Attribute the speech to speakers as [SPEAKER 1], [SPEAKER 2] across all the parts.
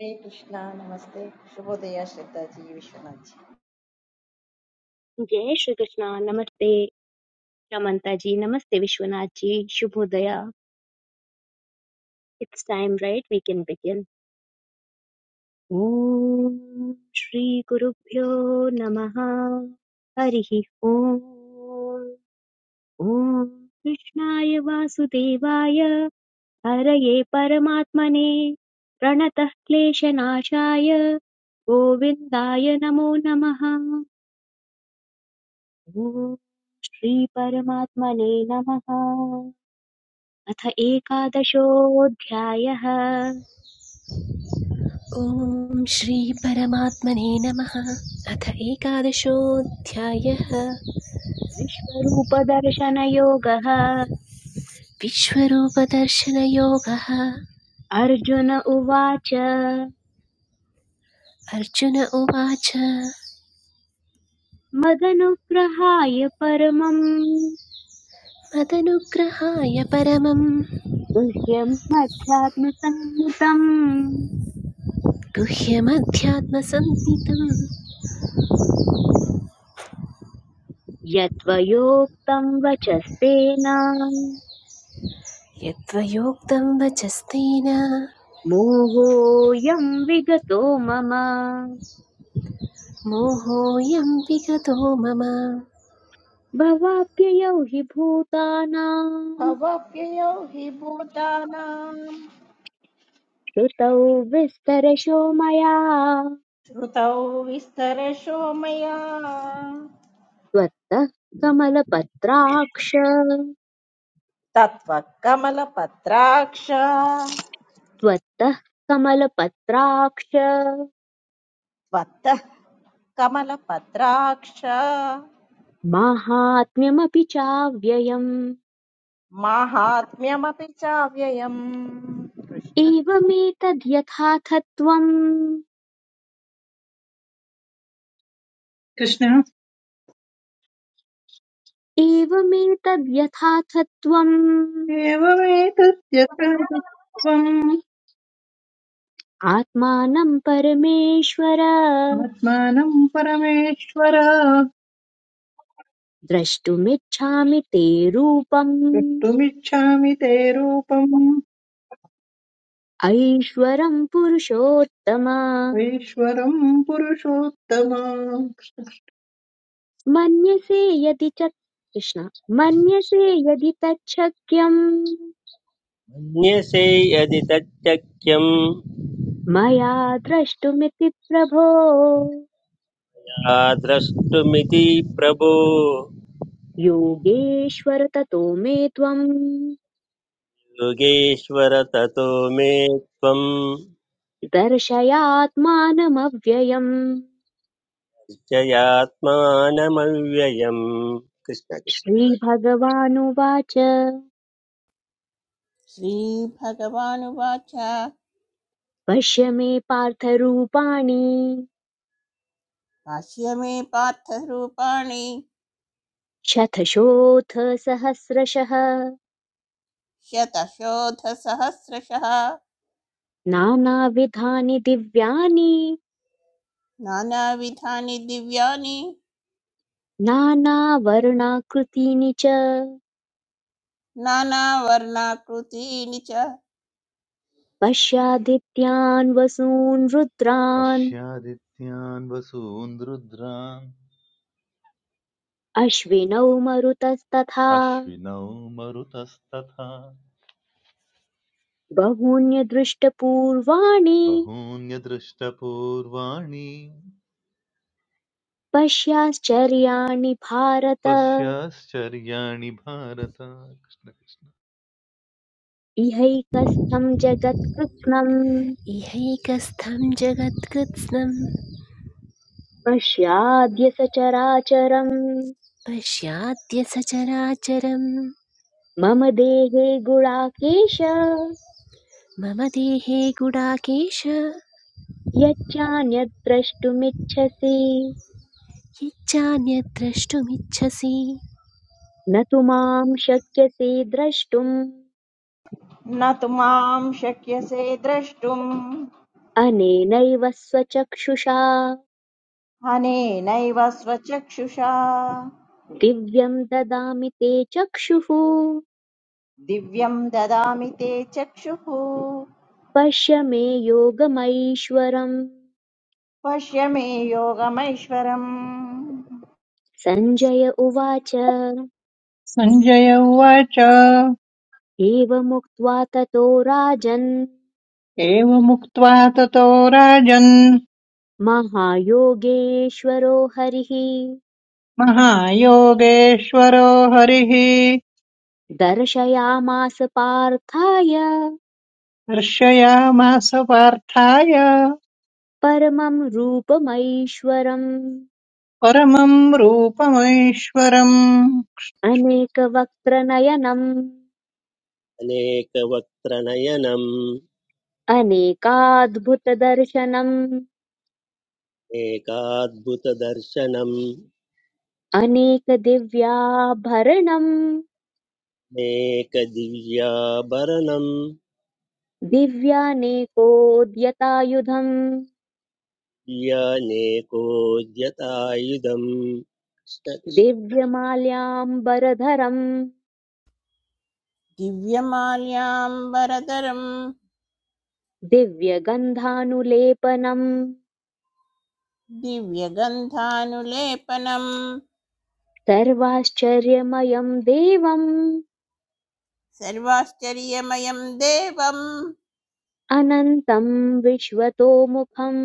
[SPEAKER 1] हरे कृष्णा नमस्ते शुभोदय श्रद्धा जी विश्वनाथ जी
[SPEAKER 2] जय श्री कृष्णा नमस्ते रमंता जी नमस्ते विश्वनाथ जी शुभोदया it's time right we can begin ओम श्री गुरुभ्यो नमः हरि ओम ओम कृष्णाय वासुदेवाय हरये परमात्मने प्रणतः क्लेशनाशाय गोविन्दाय नमो नमः ओम श्री परमात्मने नमः अथ एकादशोऽध्यायः
[SPEAKER 3] ॐ श्रीपरमात्मने नमः अथ एकादशोऽध्यायः
[SPEAKER 2] विश्वरूपदर्शनयोगः
[SPEAKER 3] विश्वरूपदर्शनयोगः
[SPEAKER 2] अर्जुन उवाच
[SPEAKER 3] अर्जुन उवाच
[SPEAKER 2] मदनुग्रहाय परमम्
[SPEAKER 3] मदनुग्रहाय परमं
[SPEAKER 2] गुह्यमध्यात्मसम्मुतम्
[SPEAKER 3] गुह्यमध्यात्मसन्नितं
[SPEAKER 2] यत्त्वयोक्तम् वचस्तेन
[SPEAKER 3] यद्वयोक्तं वचस्तेन
[SPEAKER 2] मोहोऽयम् विगतो मम
[SPEAKER 3] मोहोऽयं विगतो मम
[SPEAKER 2] भवाप्ययौ हि भूतानाम्
[SPEAKER 1] भवाप्ययौ हि भूतानां
[SPEAKER 2] श्रुतौ विस्तरशो मया
[SPEAKER 1] श्रुतौ विस्तरशो मया
[SPEAKER 2] त्वत्तः कमलपत्राक्ष
[SPEAKER 1] तत्त्वः कमलपत्राक्ष त्वत्तः
[SPEAKER 2] त्वत्तः कमलपत्राक्ष
[SPEAKER 1] कमलपत्राक्ष
[SPEAKER 2] माहात्म्यमपि चाव्ययम्
[SPEAKER 1] माहात्म्यमपि चाव्ययम् कृष्ण
[SPEAKER 2] एवमेतद्यथाथत्वम् एवमेतद्यथाथत्वम्
[SPEAKER 4] कृष्णावेवेतद्यथात्वम्
[SPEAKER 2] आत्मानं परमेश्वर
[SPEAKER 4] आत्मानं परमेश्वर
[SPEAKER 2] द्रष्टुमिच्छामि ते रूपम्
[SPEAKER 4] द्रष्टुमिच्छामि ते रूपम्
[SPEAKER 2] ऐश्वरं पुरुषोत्तम
[SPEAKER 4] ऐश्वरम् पुरुषोत्तम
[SPEAKER 2] मन्यसे यदि च कृष्ण मन्यसे यदि तच्छक्यम्
[SPEAKER 5] मन्यसे यदि तच्चख्यं
[SPEAKER 2] मया द्रष्टुमिति प्रभो
[SPEAKER 5] द्रष्टुमिति प्रभो
[SPEAKER 2] योगेश्वर ततो मे त्वम्
[SPEAKER 5] योगेश्वर ततो मे त्वं
[SPEAKER 2] दर्शयात्मानमव्ययम्
[SPEAKER 5] निश्चयात्मानमव्ययम् कृष्ण कृष्ण
[SPEAKER 2] श्रीभगवानुवाच
[SPEAKER 6] श्रीभगवानुवाच
[SPEAKER 2] पश्य मे पार्थरूपाणि
[SPEAKER 6] भाष्य मे पार्थरूपाणि
[SPEAKER 2] शतशोऽथ सहस्रशः
[SPEAKER 6] शतशोधसहस्रशः
[SPEAKER 2] नानाविधानि दिव्यानि
[SPEAKER 6] नानाविधानि दिव्यानि
[SPEAKER 2] नानावर्णाकृतीनि च
[SPEAKER 6] नानावर्णाकृतीनि च
[SPEAKER 2] पश्यादित्यान् वसून् रुद्रान्
[SPEAKER 7] पश्यादित्यान् वसून् रुद्रान्
[SPEAKER 2] अश्विनौ मरुतस्तथा
[SPEAKER 7] अश्विनौ मरुतस्तथा
[SPEAKER 2] बहून्यदृष्टपूर्वाणि
[SPEAKER 7] बहून्यदृष्टपूर्वाणि
[SPEAKER 2] पश्याश्चर्याणि भारत
[SPEAKER 7] पश्याश्चर्याणि भारत कृष्ण कृष्ण।
[SPEAKER 2] इहैकस्थं जगत्कृत्स्नम्
[SPEAKER 3] इहैकस्थं जगत्कृत्स्नं
[SPEAKER 2] पश्याद्य सचराचरम्
[SPEAKER 3] पश्याद्य सचराचरं
[SPEAKER 2] मम देहे गुणाकेश
[SPEAKER 3] मम देहे गुडाकेश
[SPEAKER 2] यच्चान्यद् द्रष्टुमिच्छसि
[SPEAKER 3] यच्चान्यद्द्रष्टुमिच्छसि
[SPEAKER 2] न तु मां शक्यसे द्रष्टुम्
[SPEAKER 1] न तु मां शक्यसे द्रष्टुम्
[SPEAKER 2] अनेनैव स्वचक्षुषा
[SPEAKER 1] अनेनैव स्वचक्षुषा
[SPEAKER 2] दिव्यं ददामि ते चक्षुः
[SPEAKER 1] दिव्यं ददामि ते चक्षुः
[SPEAKER 2] पश्य मे योगमैश्वरम्
[SPEAKER 1] पश्य मे योगमैश्वरम्
[SPEAKER 2] सञ्जय उवाच
[SPEAKER 4] सञ्जय उवाच
[SPEAKER 2] एवमुक्त्वा ततो राजन्
[SPEAKER 4] एवमुक्त्वा ततो राजन्
[SPEAKER 2] महायोगेश्वरो हरिः
[SPEAKER 4] महायोगेश्वरो हरिः
[SPEAKER 2] दर्शयामास पार्थाय
[SPEAKER 4] हर्षयामास पार्थाय
[SPEAKER 2] परमं रूपमैश्वरम्
[SPEAKER 4] परमम् रूपमैश्वरम्
[SPEAKER 2] अनेकवक्त्रनयनम्
[SPEAKER 5] अनेकवक्त्रनयनम्
[SPEAKER 2] अनेकाद्भुतदर्शनम्
[SPEAKER 5] एकाद्भुतदर्शनम्
[SPEAKER 2] अनेकदिव्याभरणम्
[SPEAKER 5] अनेकदिव्याभरणम्
[SPEAKER 2] दिव्यानेकोद्यतायुधम्
[SPEAKER 5] यानेकोद्यतायुधम् कृष्ण कृष्ण
[SPEAKER 2] दिव्यमाल्याम्बरधरम्
[SPEAKER 6] दिव्यमाल्याम्बरधरं
[SPEAKER 2] दिव्यगन्धानुलेपनम्
[SPEAKER 6] दिव्यगन्धानुलेपनं
[SPEAKER 2] सर्वाश्चर्यमयम् देवम्
[SPEAKER 6] सर्वाश्चर्यमयं देवम्
[SPEAKER 2] अनन्तम् विश्वतोमुखम्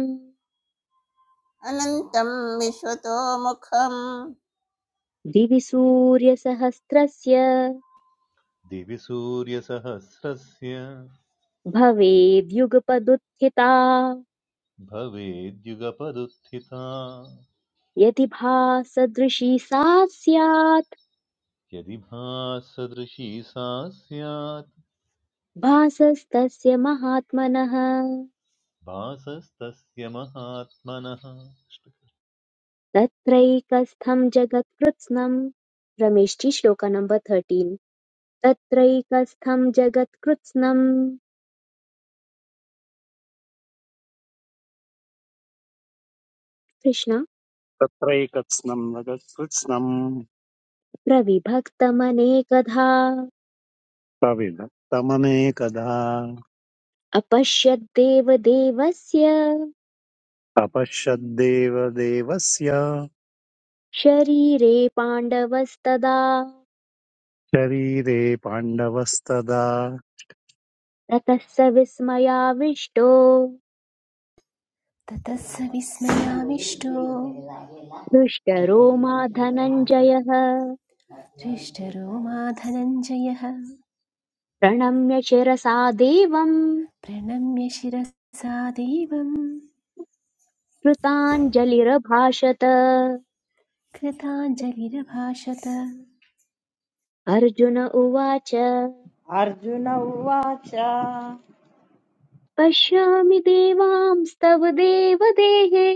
[SPEAKER 6] अनन्तं विश्वतोमुखं
[SPEAKER 2] दिवि सूर्यसहस्रस्य
[SPEAKER 7] दिवि सूर्यसहस्रस्य
[SPEAKER 2] भवेद्युगपदुत्थिता
[SPEAKER 7] भवेद्युगपदुत्थिता
[SPEAKER 2] यदि भासदृशी सा स्यात्
[SPEAKER 7] यदि भासदृशी सा स्यात्
[SPEAKER 2] भासस्तस्य महात्मनः
[SPEAKER 7] भासस्तस्य महात्मनः
[SPEAKER 2] तत्रैकस्थं जगत्कृत्स्नं रमेशजी श्लोक नंबर थर्टीन् तत्रैकस्थं जगत्कृत्स्नं कृष्ण
[SPEAKER 8] तत्रैकत्स्नम् रजकृत्स्नम्
[SPEAKER 2] प्रविभक्तमनेकधा
[SPEAKER 8] प्रविधत्तमनेकधा
[SPEAKER 2] अपश्यद्देवदेवस्य
[SPEAKER 8] तपश्यद्देव देवस्य
[SPEAKER 2] शरीरे पाण्डवस्तदा
[SPEAKER 8] शरीरे पाण्डवस्तदा
[SPEAKER 2] ततः स विस्मयाविष्टो
[SPEAKER 3] ततः स विस्मयामिष्टो
[SPEAKER 2] हृष्टरो मा धनञ्जयः
[SPEAKER 3] हृष्टरोमा धनञ्जयः
[SPEAKER 2] प्रणम्य शिरसा देवम्
[SPEAKER 3] प्रणम्य शिरसा देवं
[SPEAKER 2] कृताञ्जलिरभाषत
[SPEAKER 3] कृताञ्जलिरभाषत
[SPEAKER 2] अर्जुन उवाच
[SPEAKER 1] अर्जुन उवाच
[SPEAKER 2] पश्यामि देवांस्तव देवदेहे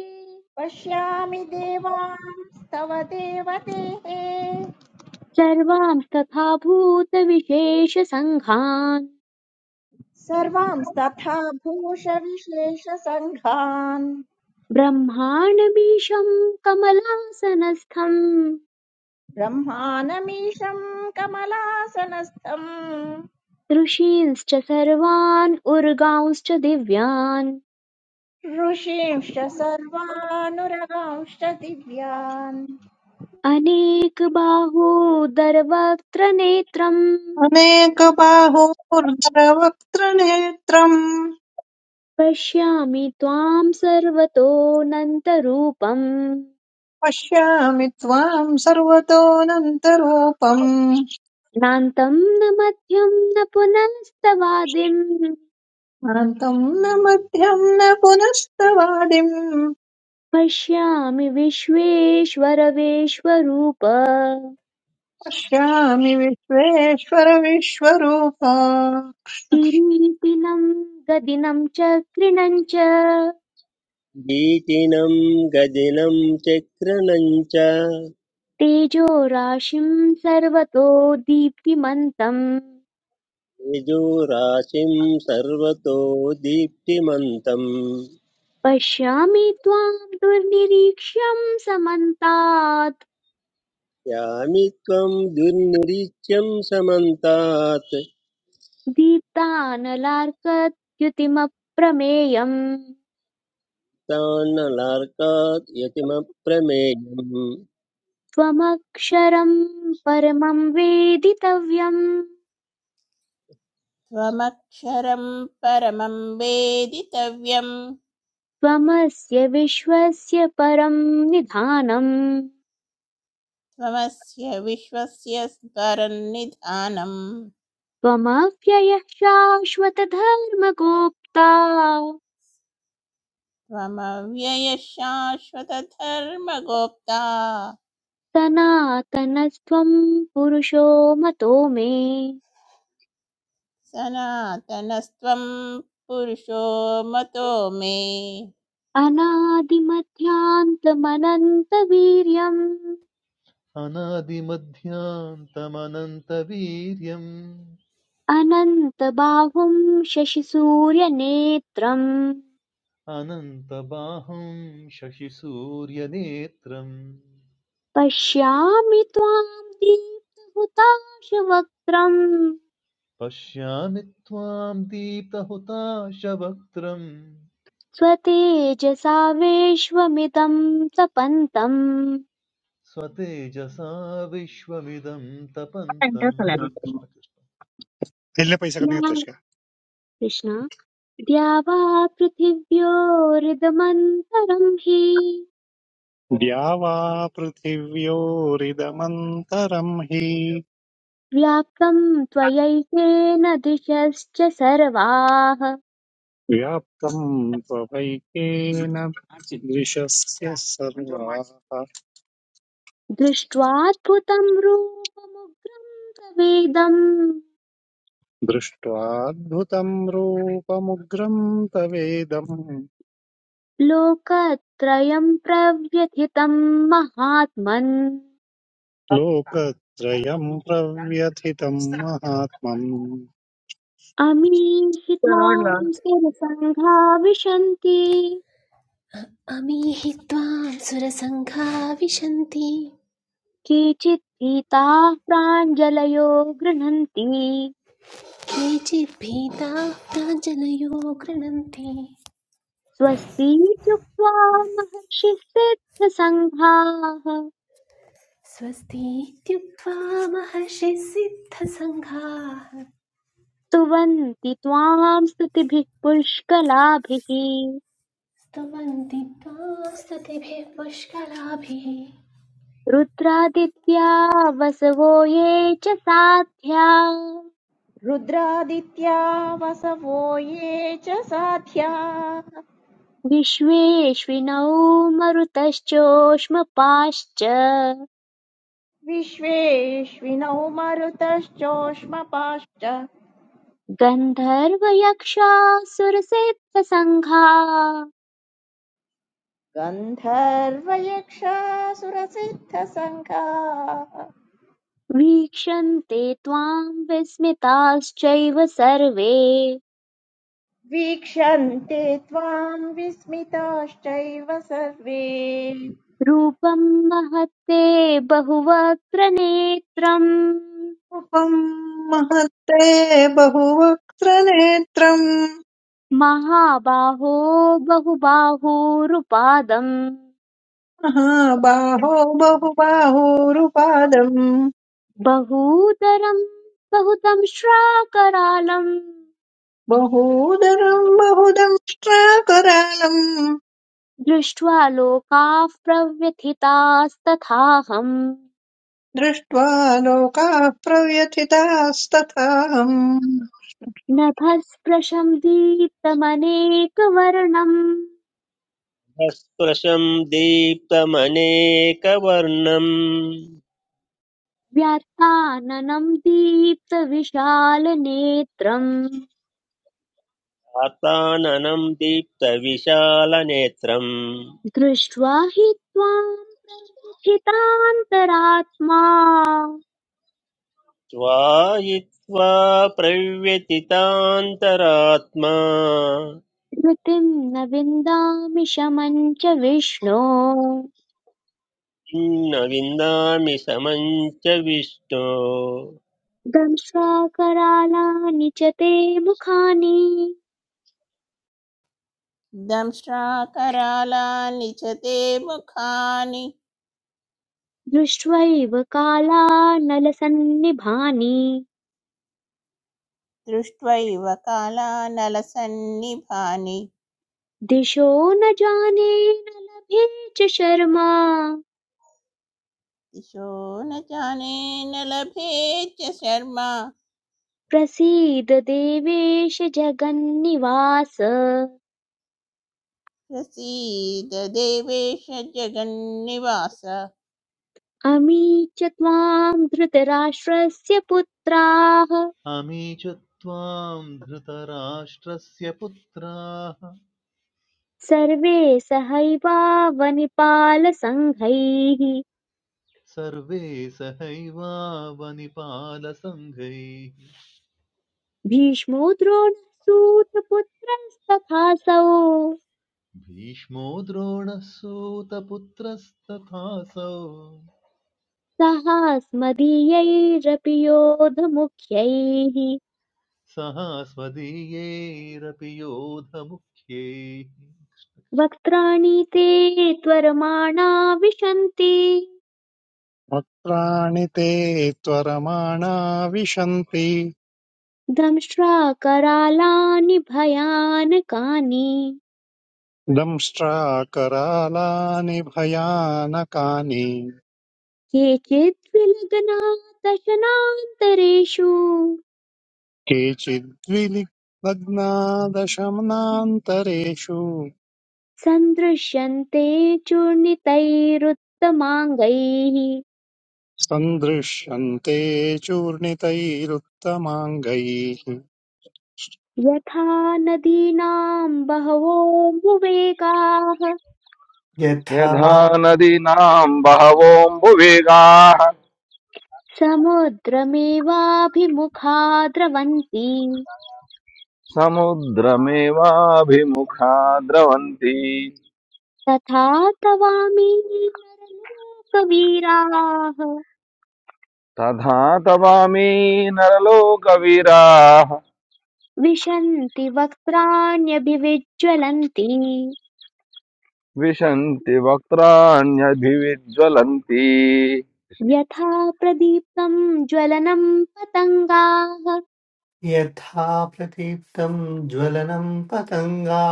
[SPEAKER 1] पश्यामि देवांस्तव देवतेः
[SPEAKER 2] सर्वांस्तथा भूतविशेषसङ्घान्
[SPEAKER 1] सर्वांस्तथा भूषविशेषसङ्घान्
[SPEAKER 2] ब्रह्माण्डमीशम् कमलासनस्थम्
[SPEAKER 1] ब्रह्मानमीशं कमलासनस्थम्
[SPEAKER 2] ऋषींश्च सर्वान् उर्गांश्च दिव्यान्
[SPEAKER 1] ऋषींश्च सर्वानुरगांश्च दिव्यान्
[SPEAKER 2] अनेकबाहोदरवक्त्र नेत्रम्
[SPEAKER 4] अनेकबाहोर्धरवक्त्रनेत्रम्
[SPEAKER 2] पश्यामि त्वाम् सर्वतोऽनन्तरूपम्
[SPEAKER 4] पश्यामि त्वाम् सर्वतोऽनन्तरूपम्
[SPEAKER 2] नान्तं न मध्यं न पुनस्तवादिं
[SPEAKER 4] अनन्तम् न मध्यम् न पुनस्तवादिम्
[SPEAKER 2] पश्यामि विश्वेश्वरवेश्वरूप
[SPEAKER 4] पश्यामि विश्वेश्वर विश्वरूपा
[SPEAKER 2] किरीटिनं गदिनं च कृणं च
[SPEAKER 5] गीतिनं गदिनं चक्रणं च
[SPEAKER 2] तेजो राशिं सर्वतो दीप्तिमन्तम्
[SPEAKER 5] तेजोराशिं सर्वतो दीप्तिमन्तं
[SPEAKER 2] पश्यामि त्वां दुर्निरीक्ष्यं समन्तात्
[SPEAKER 5] यामि त्वं दुर्निरीच्यं समन्तात्
[SPEAKER 2] दीप्तानलार्कत्युतिमप्रमेयम्
[SPEAKER 5] तान्नलार्कात् यतिमप्रमेयम्
[SPEAKER 2] त्वमक्षरं परमं वेदितव्यं
[SPEAKER 6] त्वमक्षरं परमं वेदितव्यम्
[SPEAKER 2] त्वमस्य विश्वस्य परं निधानम्
[SPEAKER 6] त्वमस्य विश्वस्य स्वरन्निधानम्
[SPEAKER 2] त्वमव्ययः शाश्वतधर्मगोप्ता
[SPEAKER 6] त्वमव्ययशाश्वतधर्मगोप्ता
[SPEAKER 2] सनातनस्त्वं पुरुषो मतो मे
[SPEAKER 6] सनातनस्त्वं पुरुषो मतो मे
[SPEAKER 2] अनादिमध्यान्तमनन्तवीर्यम्
[SPEAKER 7] अनादिमध्यान्तमनन्तवीर्यम्
[SPEAKER 2] अनन्तबाहुं शशिसूर्यनेत्रम्
[SPEAKER 7] अनन्तबाहुं शशिसूर्यनेत्रं
[SPEAKER 2] पश्यामि त्वां दीप्तहुताशवक्त्रं
[SPEAKER 7] पश्यामि त्वां दीप्तहुताशवक्त्रं
[SPEAKER 2] स्वतेजसा विश्वमिदं तपन्तम्
[SPEAKER 7] स्वतेजसा विश्वमिदं तपन्तम्
[SPEAKER 8] వెళ్ళే పైసా కన్నా
[SPEAKER 2] या
[SPEAKER 8] తెచ్చుకో
[SPEAKER 2] कृष्ण द्या वा पृथिव्योरिदमन्तरं हि
[SPEAKER 8] द्यावा पृथिव्योरिदमन्तरम् हि
[SPEAKER 2] व्याप्तं त्वयैकेन दिशश्च सर्वाः
[SPEAKER 8] व्याप्तम् त्वपैकेन दृशस्य सर्वाः
[SPEAKER 2] दृष्ट्वाद्भुतं रूपमुग्रं तवेदं
[SPEAKER 8] दृष्ट्वाद्भुतम् रूपमुग्रम् तवेदम्
[SPEAKER 2] लोकत्रयं प्रव्यथितं महात्मन्
[SPEAKER 8] लोकत्रयं प्रव्यथितं महात्मम्
[SPEAKER 2] अमीहि त्वाम् स्थिरसङ्घा विशन्ति
[SPEAKER 3] अमीहि त्वां सुरसङ्घा विशन्ति
[SPEAKER 2] केचित् भीताः प्राञ्जलयो गृह्णन्ति
[SPEAKER 3] केचिद्भीताः प्राञ्जलयो गृणन्ति
[SPEAKER 2] स्वस्ति इत्युक्त्वा महर्षिः सिद्धसङ्घाः
[SPEAKER 3] स्वस्ति महर्षिः सिद्धसङ्घाः
[SPEAKER 2] स्तुवन्ति त्वाम् स्तुतिभिः पुष्कलाभिः
[SPEAKER 3] स्तवन्ति त्वां स्तुतिभिः पुष्कलाभिः
[SPEAKER 2] रुद्रादित्या वसवो ये च साध्या
[SPEAKER 1] रुद्रादित्या वसवो ये च साध्या
[SPEAKER 2] विश्वेष्विनौ मरुतश्चोष्मपाश्च
[SPEAKER 1] विश्वेश्विनौ मरुतश्चोष्मपाश्च
[SPEAKER 2] गन्धर्वयक्षासुरसिद्धसङ्घा
[SPEAKER 1] गन्धर्वयक्षासुरसिद्धसङ्घाः
[SPEAKER 2] वीक्षन्ते त्वाम् विस्मिताश्चैव सर्वे
[SPEAKER 1] वीक्षन्ते त्वाम् विस्मिताश्चैव सर्वे
[SPEAKER 2] रूपं महत्ते बहुवक्त्र नेत्रम्
[SPEAKER 4] रूपम् महत्ते बहुवक्त्रनेत्रम्
[SPEAKER 2] महाबाहो बहुबाहूरुपादम्
[SPEAKER 4] महाबाहो बहुबाहोरुपादम्
[SPEAKER 2] बहूतरम् बहुतम् श्राकरालम्
[SPEAKER 4] बहूदरम् बहुदंष्ट्राकरालम्
[SPEAKER 2] दृष्ट्वा लोकाः प्रव्यथितास्तथाहम्
[SPEAKER 4] दृष्ट्वा लोकाः प्रव्यथितास्तथाहम्
[SPEAKER 2] नभस्पृशम् दीप्तमनेकवर्णम्
[SPEAKER 5] स्पृशं दीप्तमनेकवर्णम्
[SPEAKER 2] व्यार्थाननम् दीप्तविशालनेत्रम्
[SPEAKER 5] आताननं दीप्तविशालनेत्रम्
[SPEAKER 2] दृष्ट्वा हि त्वाम् प्रथितान्तरात्मा
[SPEAKER 5] स्वायित्वा प्रव्यतितान्तरात्मा
[SPEAKER 2] धृतिम् न विन्दामि शमम् च विष्णो
[SPEAKER 5] न विन्दामि समं च विष्णो
[SPEAKER 2] दंश्वा करालानि च ते मुखानि
[SPEAKER 6] दंश्राकरालानि च ते मुखानि
[SPEAKER 2] दृष्ट्वैव कालानलसन्निभानि
[SPEAKER 6] दृष्ट्वैव कालानलसन्निभानि
[SPEAKER 2] दिशो न जाने न लभे च शर्मा
[SPEAKER 6] दिशो न जाने न लभे च शर्मा
[SPEAKER 2] प्रसीद देवेश जगन्निवास
[SPEAKER 6] प्रसीद देवेश जगन्निवास
[SPEAKER 2] अमी च त्वां धृतराष्ट्रस्य पुत्राः
[SPEAKER 7] अमी च त्वां धृतराष्ट्रस्य पुत्राः
[SPEAKER 2] सर्वे सहैवावनिपालसङ्घैः
[SPEAKER 7] सर्वे सहैवावनिपालसङ्घैः
[SPEAKER 2] भीष्मो द्रोणसूतपुत्रस्तथासौ
[SPEAKER 7] भीष्मो द्रोणः सूतपुत्रस्तथासौ
[SPEAKER 2] सहास्मदीयैरपि योधमुख्यैः
[SPEAKER 7] सहास्मदीयैरपि योधमुख्यैः
[SPEAKER 2] वक्त्राणि ते त्वरमाणा विशन्ति
[SPEAKER 8] वक्त्राणि ते त्वरमाणा विशन्ति
[SPEAKER 2] दंष्ट्रा करालानि भयानकानि
[SPEAKER 8] दंष्ट्राकरालानि भयानकानि
[SPEAKER 2] केचित् विलग्नादशनान्तरेषु
[SPEAKER 8] केचिद्विलग्नादशमनान्तरेषु
[SPEAKER 2] सन्दृश्यन्ते चूर्णितैरुत्तमाङ्गैः
[SPEAKER 8] सन्दृश्यन्ते चूर्णितैरुत्तमाङ्गैः
[SPEAKER 2] यथा नदीनां बहवोऽम्बुवेगाः
[SPEAKER 9] यथा
[SPEAKER 10] यथा नदीनाम् बहवोऽम्बुवेगाः
[SPEAKER 2] समुद्रमेवाभिमुखा द्रवन्ति
[SPEAKER 10] समुद्रमेवाभिमुखा द्रवन्ति
[SPEAKER 2] तथा तवामि नरलोकवीराः
[SPEAKER 10] तथा तवामि नरलोकवीराः
[SPEAKER 2] विशन्ति वक्त्राण्यभिविज्ज्वलन्ति
[SPEAKER 10] विशन्ति वक्त्राण्यभिविज्ज्वलन्ति
[SPEAKER 2] यथा प्रदीप्तं ज्वलनं पतङ्गाः
[SPEAKER 9] यथा प्रदीप्तं ज्वलनं पतङ्गा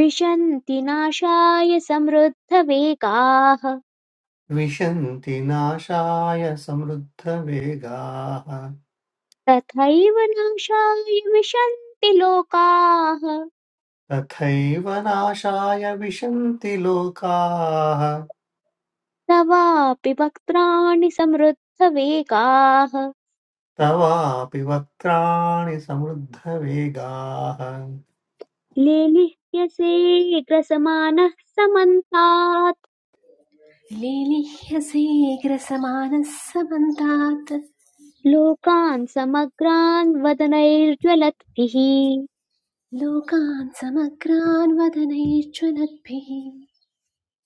[SPEAKER 2] विशन्ति नाशाय समृद्धवेगाः
[SPEAKER 9] विशन्ति नाशाय समृद्धवेगाः
[SPEAKER 2] तथैव नाशाय विशन्ति लोकाः
[SPEAKER 9] तथैव नाशाय विशन्ति लोकाः
[SPEAKER 2] तवापि वक्त्राणि समृद्धवेगाः
[SPEAKER 9] तवापि वक्त्राणि समृद्धवेगाः
[SPEAKER 2] लेलिह्यसे ग्रसमानः समन्तात्
[SPEAKER 3] लेलिह्यसेग्रसमानः समन्तात्
[SPEAKER 2] लोकान् समग्रान् वदनैर्ज्वलद्भिः
[SPEAKER 3] लोकान् समग्रान् वदनैर्ज्वलद्भिः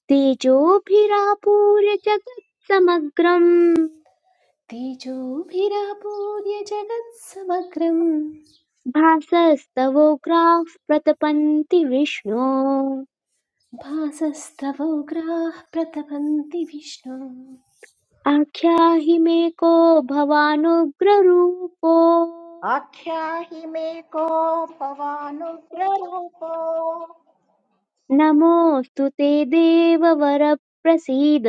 [SPEAKER 2] तेजोभिरापूर्य जगत्समग्रम्
[SPEAKER 3] तेजोभिरापूर्य जगत्समग्रम्
[SPEAKER 2] भासस्तवोग्राः प्रतपन्ति विष्णो
[SPEAKER 3] भासस्तवोग्राः प्रतपन्ति विष्णु
[SPEAKER 2] आख्याहि मे को भवानुग्ररूपो
[SPEAKER 1] आख्याहि मे को भवानुग्ररूपो
[SPEAKER 2] नमोऽस्तु ते देववर प्रसीद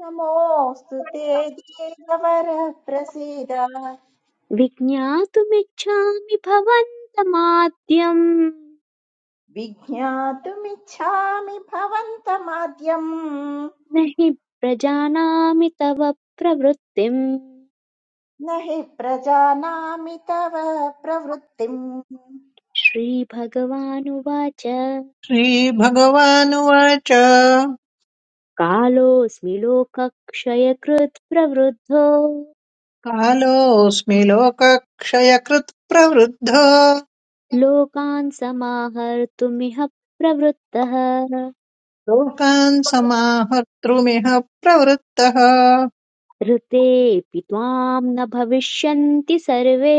[SPEAKER 1] नमोऽस्तु ते देववरः प्रसीद
[SPEAKER 2] विज्ञातुमिच्छामि भवन्तमाद्यम्
[SPEAKER 1] विज्ञातुमिच्छामि भवन्तमाद्यम्
[SPEAKER 2] न हि प्रजानामि तव प्रवृत्तिम्
[SPEAKER 1] न हि प्रजानामि तव प्रवृत्तिम्
[SPEAKER 2] श्रीभगवानुवाच
[SPEAKER 4] श्रीभगवानुवाच
[SPEAKER 2] कालोऽस्मि लोकक्षयकृत् प्रवृद्धो
[SPEAKER 4] कालोऽस्मि लोकक्षयकृत् प्रवृद्धो
[SPEAKER 2] लोकान् समाहर्तुमिह प्रवृत्तः
[SPEAKER 4] लोकान् समाहर्तृमिह प्रवृत्तः
[SPEAKER 2] ऋतेऽपि त्वाम् न भविष्यन्ति सर्वे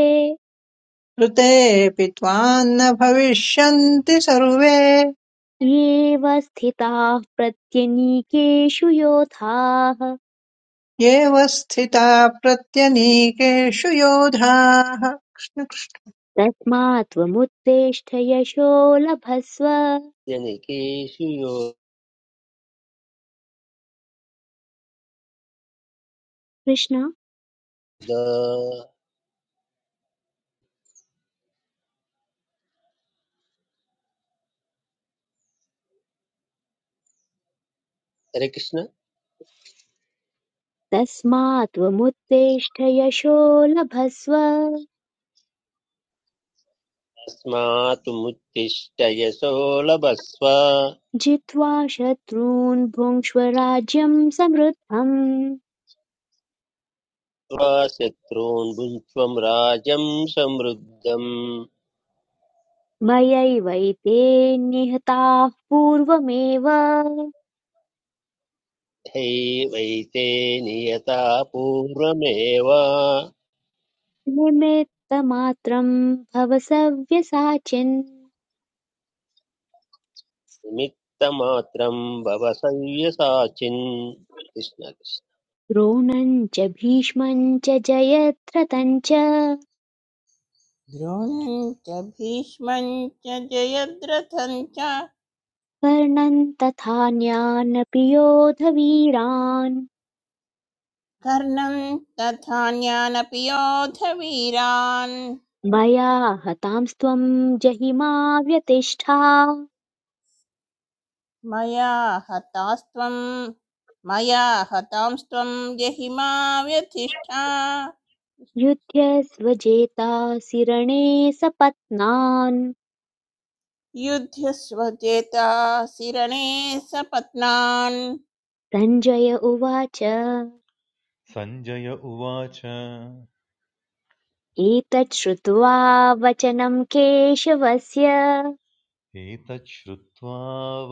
[SPEAKER 4] ऋतेऽपि त्वान्न भविष्यन्ति सर्वे
[SPEAKER 2] येव स्थिताः प्रत्यनीकेषु योधाः
[SPEAKER 4] एव स्थिता प्रत्यनीकेषु योधाः कृष्णकृष्णमः
[SPEAKER 2] तस्मात् त्वमुत्तिष्ठ यशो लभस्व
[SPEAKER 5] जनिकेषु योद
[SPEAKER 2] कृष्ण
[SPEAKER 5] हरे कृष्ण
[SPEAKER 2] तस्मात् त्वमुत्तिष्ठ यशो लभस्व
[SPEAKER 5] अस्मात् मुत्तिष्ठ यशो लभस्व
[SPEAKER 2] जित्वा शत्रून् भुङ्क्ष्व राज्यं समृद्धम्
[SPEAKER 5] त्वा शत्रून् भुङ्क्ष्वं राजं समृद्धम्
[SPEAKER 2] मयैवैते निहताः पूर्वमेव
[SPEAKER 5] हैवैते नियता पूर्वमेव
[SPEAKER 2] निमित्तमात्रं भव सव्यसाचिन्
[SPEAKER 5] निमित्तमात्रं भव सव्यसाचिन् कृष्ण कृष्ण
[SPEAKER 2] द्रोणं च भीष्मं च जयद्रथं च
[SPEAKER 6] द्रोणं च भीष्मं च जयद्रथं च
[SPEAKER 2] कर्णन् तथान्यानपि योधवीरान्
[SPEAKER 6] कर्णं तथान्यानपि योधवीरान्
[SPEAKER 2] मया हतांस्त्वं जहिमा व्यतिष्ठा
[SPEAKER 6] मया हतास्त्वं मया हतांस्त्वं जहि मा व्यथिष्ठा
[SPEAKER 2] युध्यस्व जेतासि रणे सपत्नान्
[SPEAKER 6] युध्यस्वचेता शिरणे सपत्नान्
[SPEAKER 2] सञ्जय उवाच
[SPEAKER 7] सञ्जय उवाच
[SPEAKER 2] एतत् श्रुत्वा वचनं केशवस्य
[SPEAKER 7] एतत् श्रुत्वा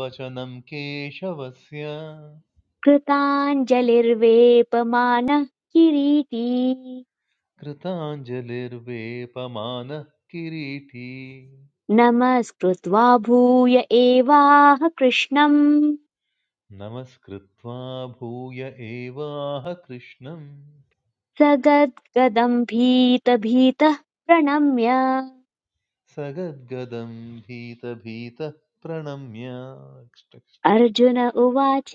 [SPEAKER 7] वचनं केशवस्य
[SPEAKER 2] कृताञ्जलिर्वेपमानः किरीटी
[SPEAKER 7] कृताञ्जलिर्वेपमानः किरीटी
[SPEAKER 2] नमस्कृत्वा भूय एवाह कृष्णम्
[SPEAKER 7] नमस्कृत्वा भूय एवाह कृष्णं
[SPEAKER 2] स गद्गदम् भीतभीतः प्रणम्य
[SPEAKER 7] सगद्गदं भीतभीतः प्रणम्य
[SPEAKER 2] अर्जुन उवाच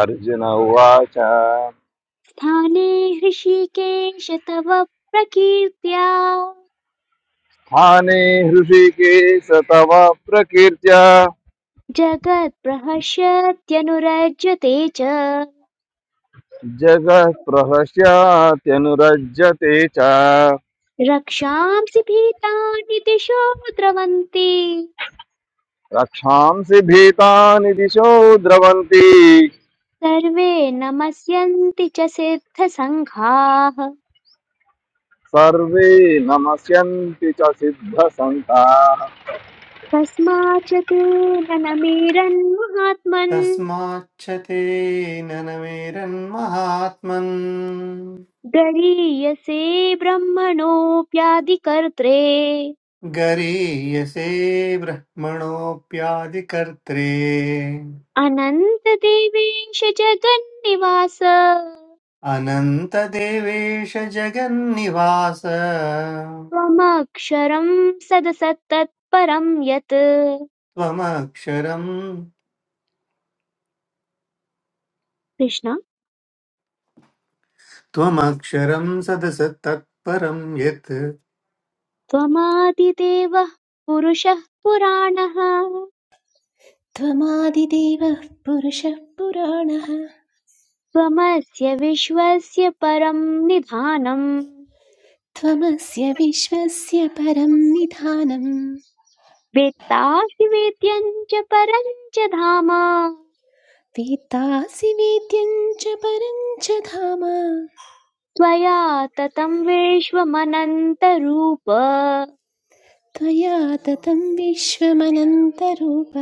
[SPEAKER 10] अर्जुन उवाच
[SPEAKER 2] स्थाने हृषीकेश तव प्रकीर्त्या
[SPEAKER 10] स्थाने हृषिकेश तव प्रकीर्त्या
[SPEAKER 2] जगत्प्रहर्षत्यनुरज्यते च
[SPEAKER 10] जगः प्रहस्यात्यनुरज्यते च
[SPEAKER 2] रक्षांसि भीतानि दिशो द्रवन्ति
[SPEAKER 10] रक्षांसि भीतानि दिशो द्रवन्ति
[SPEAKER 2] सर्वे नमस्यन्ति च सिद्धसङ्घाः
[SPEAKER 10] सर्वे नमस्यन्ति च सिद्धसन्ताः
[SPEAKER 2] तस्माच्च तेन नमीरन्महात्मन्
[SPEAKER 9] तस्माच्च तेन न मेरन्महात्मन्
[SPEAKER 2] गरीयसे ब्रह्मणोऽप्यादिकर्त्रे
[SPEAKER 9] गरीयसे ब्रह्मणोऽप्यादिकर्त्रे
[SPEAKER 2] अनन्तदेवेश जगन्निवास
[SPEAKER 9] अनन्तदेवेश जगन्निवास
[SPEAKER 2] त्वमक्षरं सदसत्तत्परं यत्
[SPEAKER 9] त्वमक्षरम्
[SPEAKER 2] कृष्ण
[SPEAKER 9] त्वमक्षरम् सदस तत्परम् यत्
[SPEAKER 2] त्वमादिदेवः पुरुषः पुराणः
[SPEAKER 3] त्वमादिदेवः पुरुषः पुराणः
[SPEAKER 2] त्वमस्य विश्वस्य परं निधानम्
[SPEAKER 3] त्वमस्य विश्वस्य परं निधानम्
[SPEAKER 2] वेत्तासि वेद्यं च परं च धाम
[SPEAKER 3] वेत्तासि वेद्यं च परं च धाम
[SPEAKER 2] त्वया ततं विश्वमनन्तरूप
[SPEAKER 3] त्वया ततं विश्वमनन्तरूप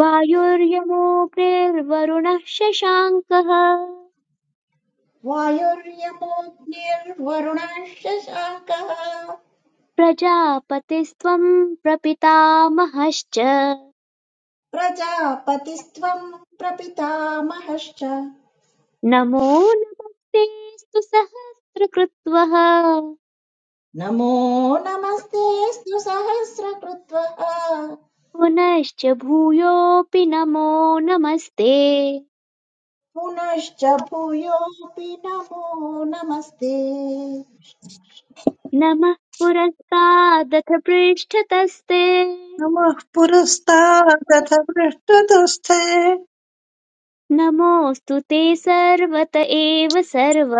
[SPEAKER 2] वायुर्यमोऽग्निर्वरुणः शशाङ्कः
[SPEAKER 1] वायुर्यमोऽग्निर्वरुणः शशाङ्कः
[SPEAKER 2] प्रजापतिस्त्वं प्रपितामहश्च
[SPEAKER 1] प्रजापतिस्त्वम् प्रपितामहश्च
[SPEAKER 2] नमो नमस्तेऽस्तु सहस्रकृत्वः
[SPEAKER 1] नमो नमस्तेऽस्तु सहस्रकृत्वः
[SPEAKER 2] पुनश्च भूयोऽपि नमो नमस्ते
[SPEAKER 1] पुनश्च भूयोऽपि नमो नमस्ते
[SPEAKER 2] नमः पुरस्तादथ पृष्ठतस्ते
[SPEAKER 4] पुरस्तादथ पृष्ठतस्थे
[SPEAKER 2] नमोऽस्तु ते सर्वत एव सर्व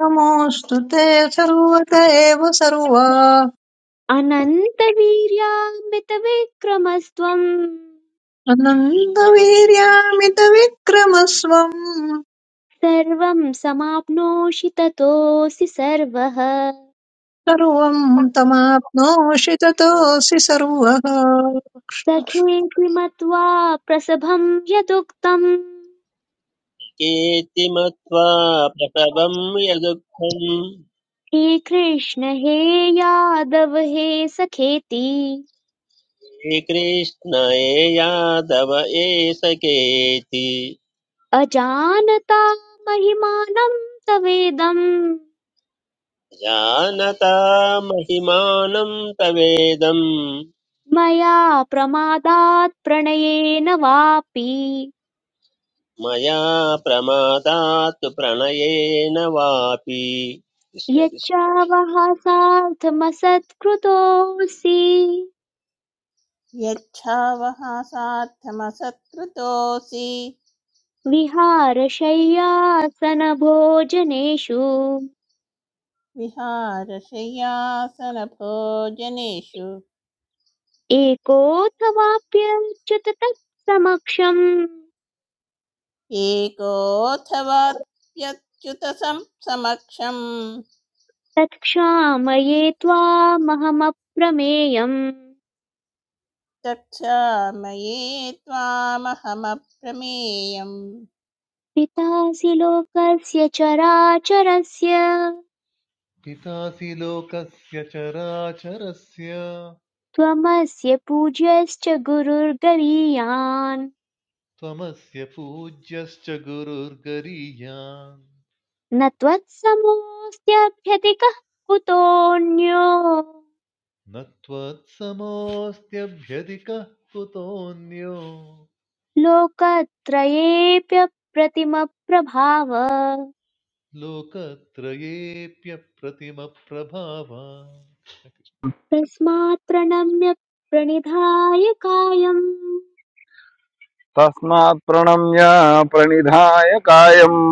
[SPEAKER 4] नमोऽस्तु ते सर्वत एव सर्वा
[SPEAKER 2] अनन्तवीर्यामितविक्रमस्त्वम्
[SPEAKER 4] अनन्तवीर्यामितविक्रमस्वम्
[SPEAKER 2] सर्वं समाप्नोषि ततोऽसि सर्वः
[SPEAKER 4] सर्वम् तमाप्नोषि ततोऽसि सर्वः
[SPEAKER 2] सखेऽपि मत्वा प्रसभं यदुक्तम्
[SPEAKER 5] केति मत्वा प्रसवं यदुःखम्
[SPEAKER 2] हे कृष्ण हे यादव हे सखेति
[SPEAKER 5] श्रीकृष्णये यादव एषकेति
[SPEAKER 2] अजानता महिमानं तवेदं
[SPEAKER 5] जानता महिमानं तवेदं
[SPEAKER 2] मया प्रमादात् प्रणयेन वापि
[SPEAKER 5] मया प्रमादात् प्रणयेन वापि कृष्णकृष्ण
[SPEAKER 2] यच्चावहासार्थमसत्कृतोऽसि
[SPEAKER 6] यच्छावहासार्थमसत्कृतोऽसि
[SPEAKER 2] विहारशय्यासनभोजनेषु
[SPEAKER 6] विहारशय्यासनभोजनेषु
[SPEAKER 2] एकोऽथवाप्यच्युत तत्समक्षम्
[SPEAKER 6] एकोऽथवाप्यच्युत सम- समक्षं
[SPEAKER 2] तत्क्षामये त्वामहमप्रमेयम्
[SPEAKER 6] चक्षामये त्वामहमप्रमेयम्
[SPEAKER 2] पितासि लोकस्य चराचरस्य
[SPEAKER 7] पितासि लोकस्य चराचरस्य
[SPEAKER 2] त्वमस्य पूज्यश्च गुरुर्गरीयान्
[SPEAKER 7] त्वमस्य पूज्यश्च गुरुर्गरीयान्
[SPEAKER 2] न त्वत्समोऽस्त्यभ्यधिकः कुतोऽन्यो
[SPEAKER 7] न त्वत्समोऽस्त्यभ्यधिकः कुतोऽन्यो
[SPEAKER 2] लोकत्रयेऽप्यप्रतिमप्रभाव
[SPEAKER 7] लोकत्रयेऽप्यप्रतिमप्रभाव
[SPEAKER 2] तस्मात् प्रणम्य प्रणिधाय कायम्
[SPEAKER 10] तस्मात् प्रणम्य प्रणिधाय कायम्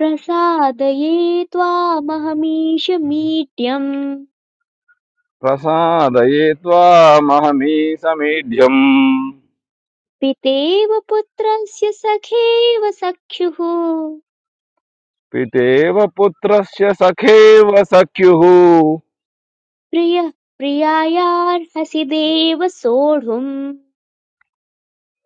[SPEAKER 2] प्रसादये त्वामहमीश मीड्यम्
[SPEAKER 10] प्रसादये त्वामहमीसमेढ्यम्
[SPEAKER 2] पितेव पुत्रस्य सखेव सख्युः
[SPEAKER 10] पितेव पुत्रस्य सखेव सख्युः
[SPEAKER 2] प्रियः प्रियायार्हसि देव सोढुम्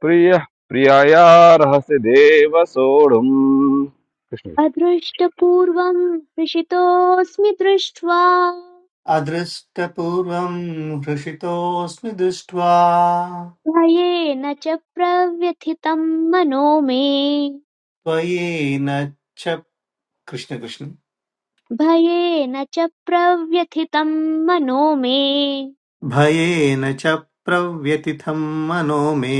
[SPEAKER 10] प्रियः प्रियायार्हसि देव सोढुम् कृष्ण-
[SPEAKER 2] अदृष्टपूर्वम् हृषितोऽस्मि दृष्ट्वा
[SPEAKER 9] अदृष्टपूर्वम् हृषितोऽस्मि दृष्ट्वा
[SPEAKER 2] भयेन च प्रव्यथितं मनो मे
[SPEAKER 9] त्वयेन च कृष्ण कृष्ण
[SPEAKER 2] भयेन च प्रव्यथितं मनो मे
[SPEAKER 9] भयेन च प्रव्यतिथम् मनो मे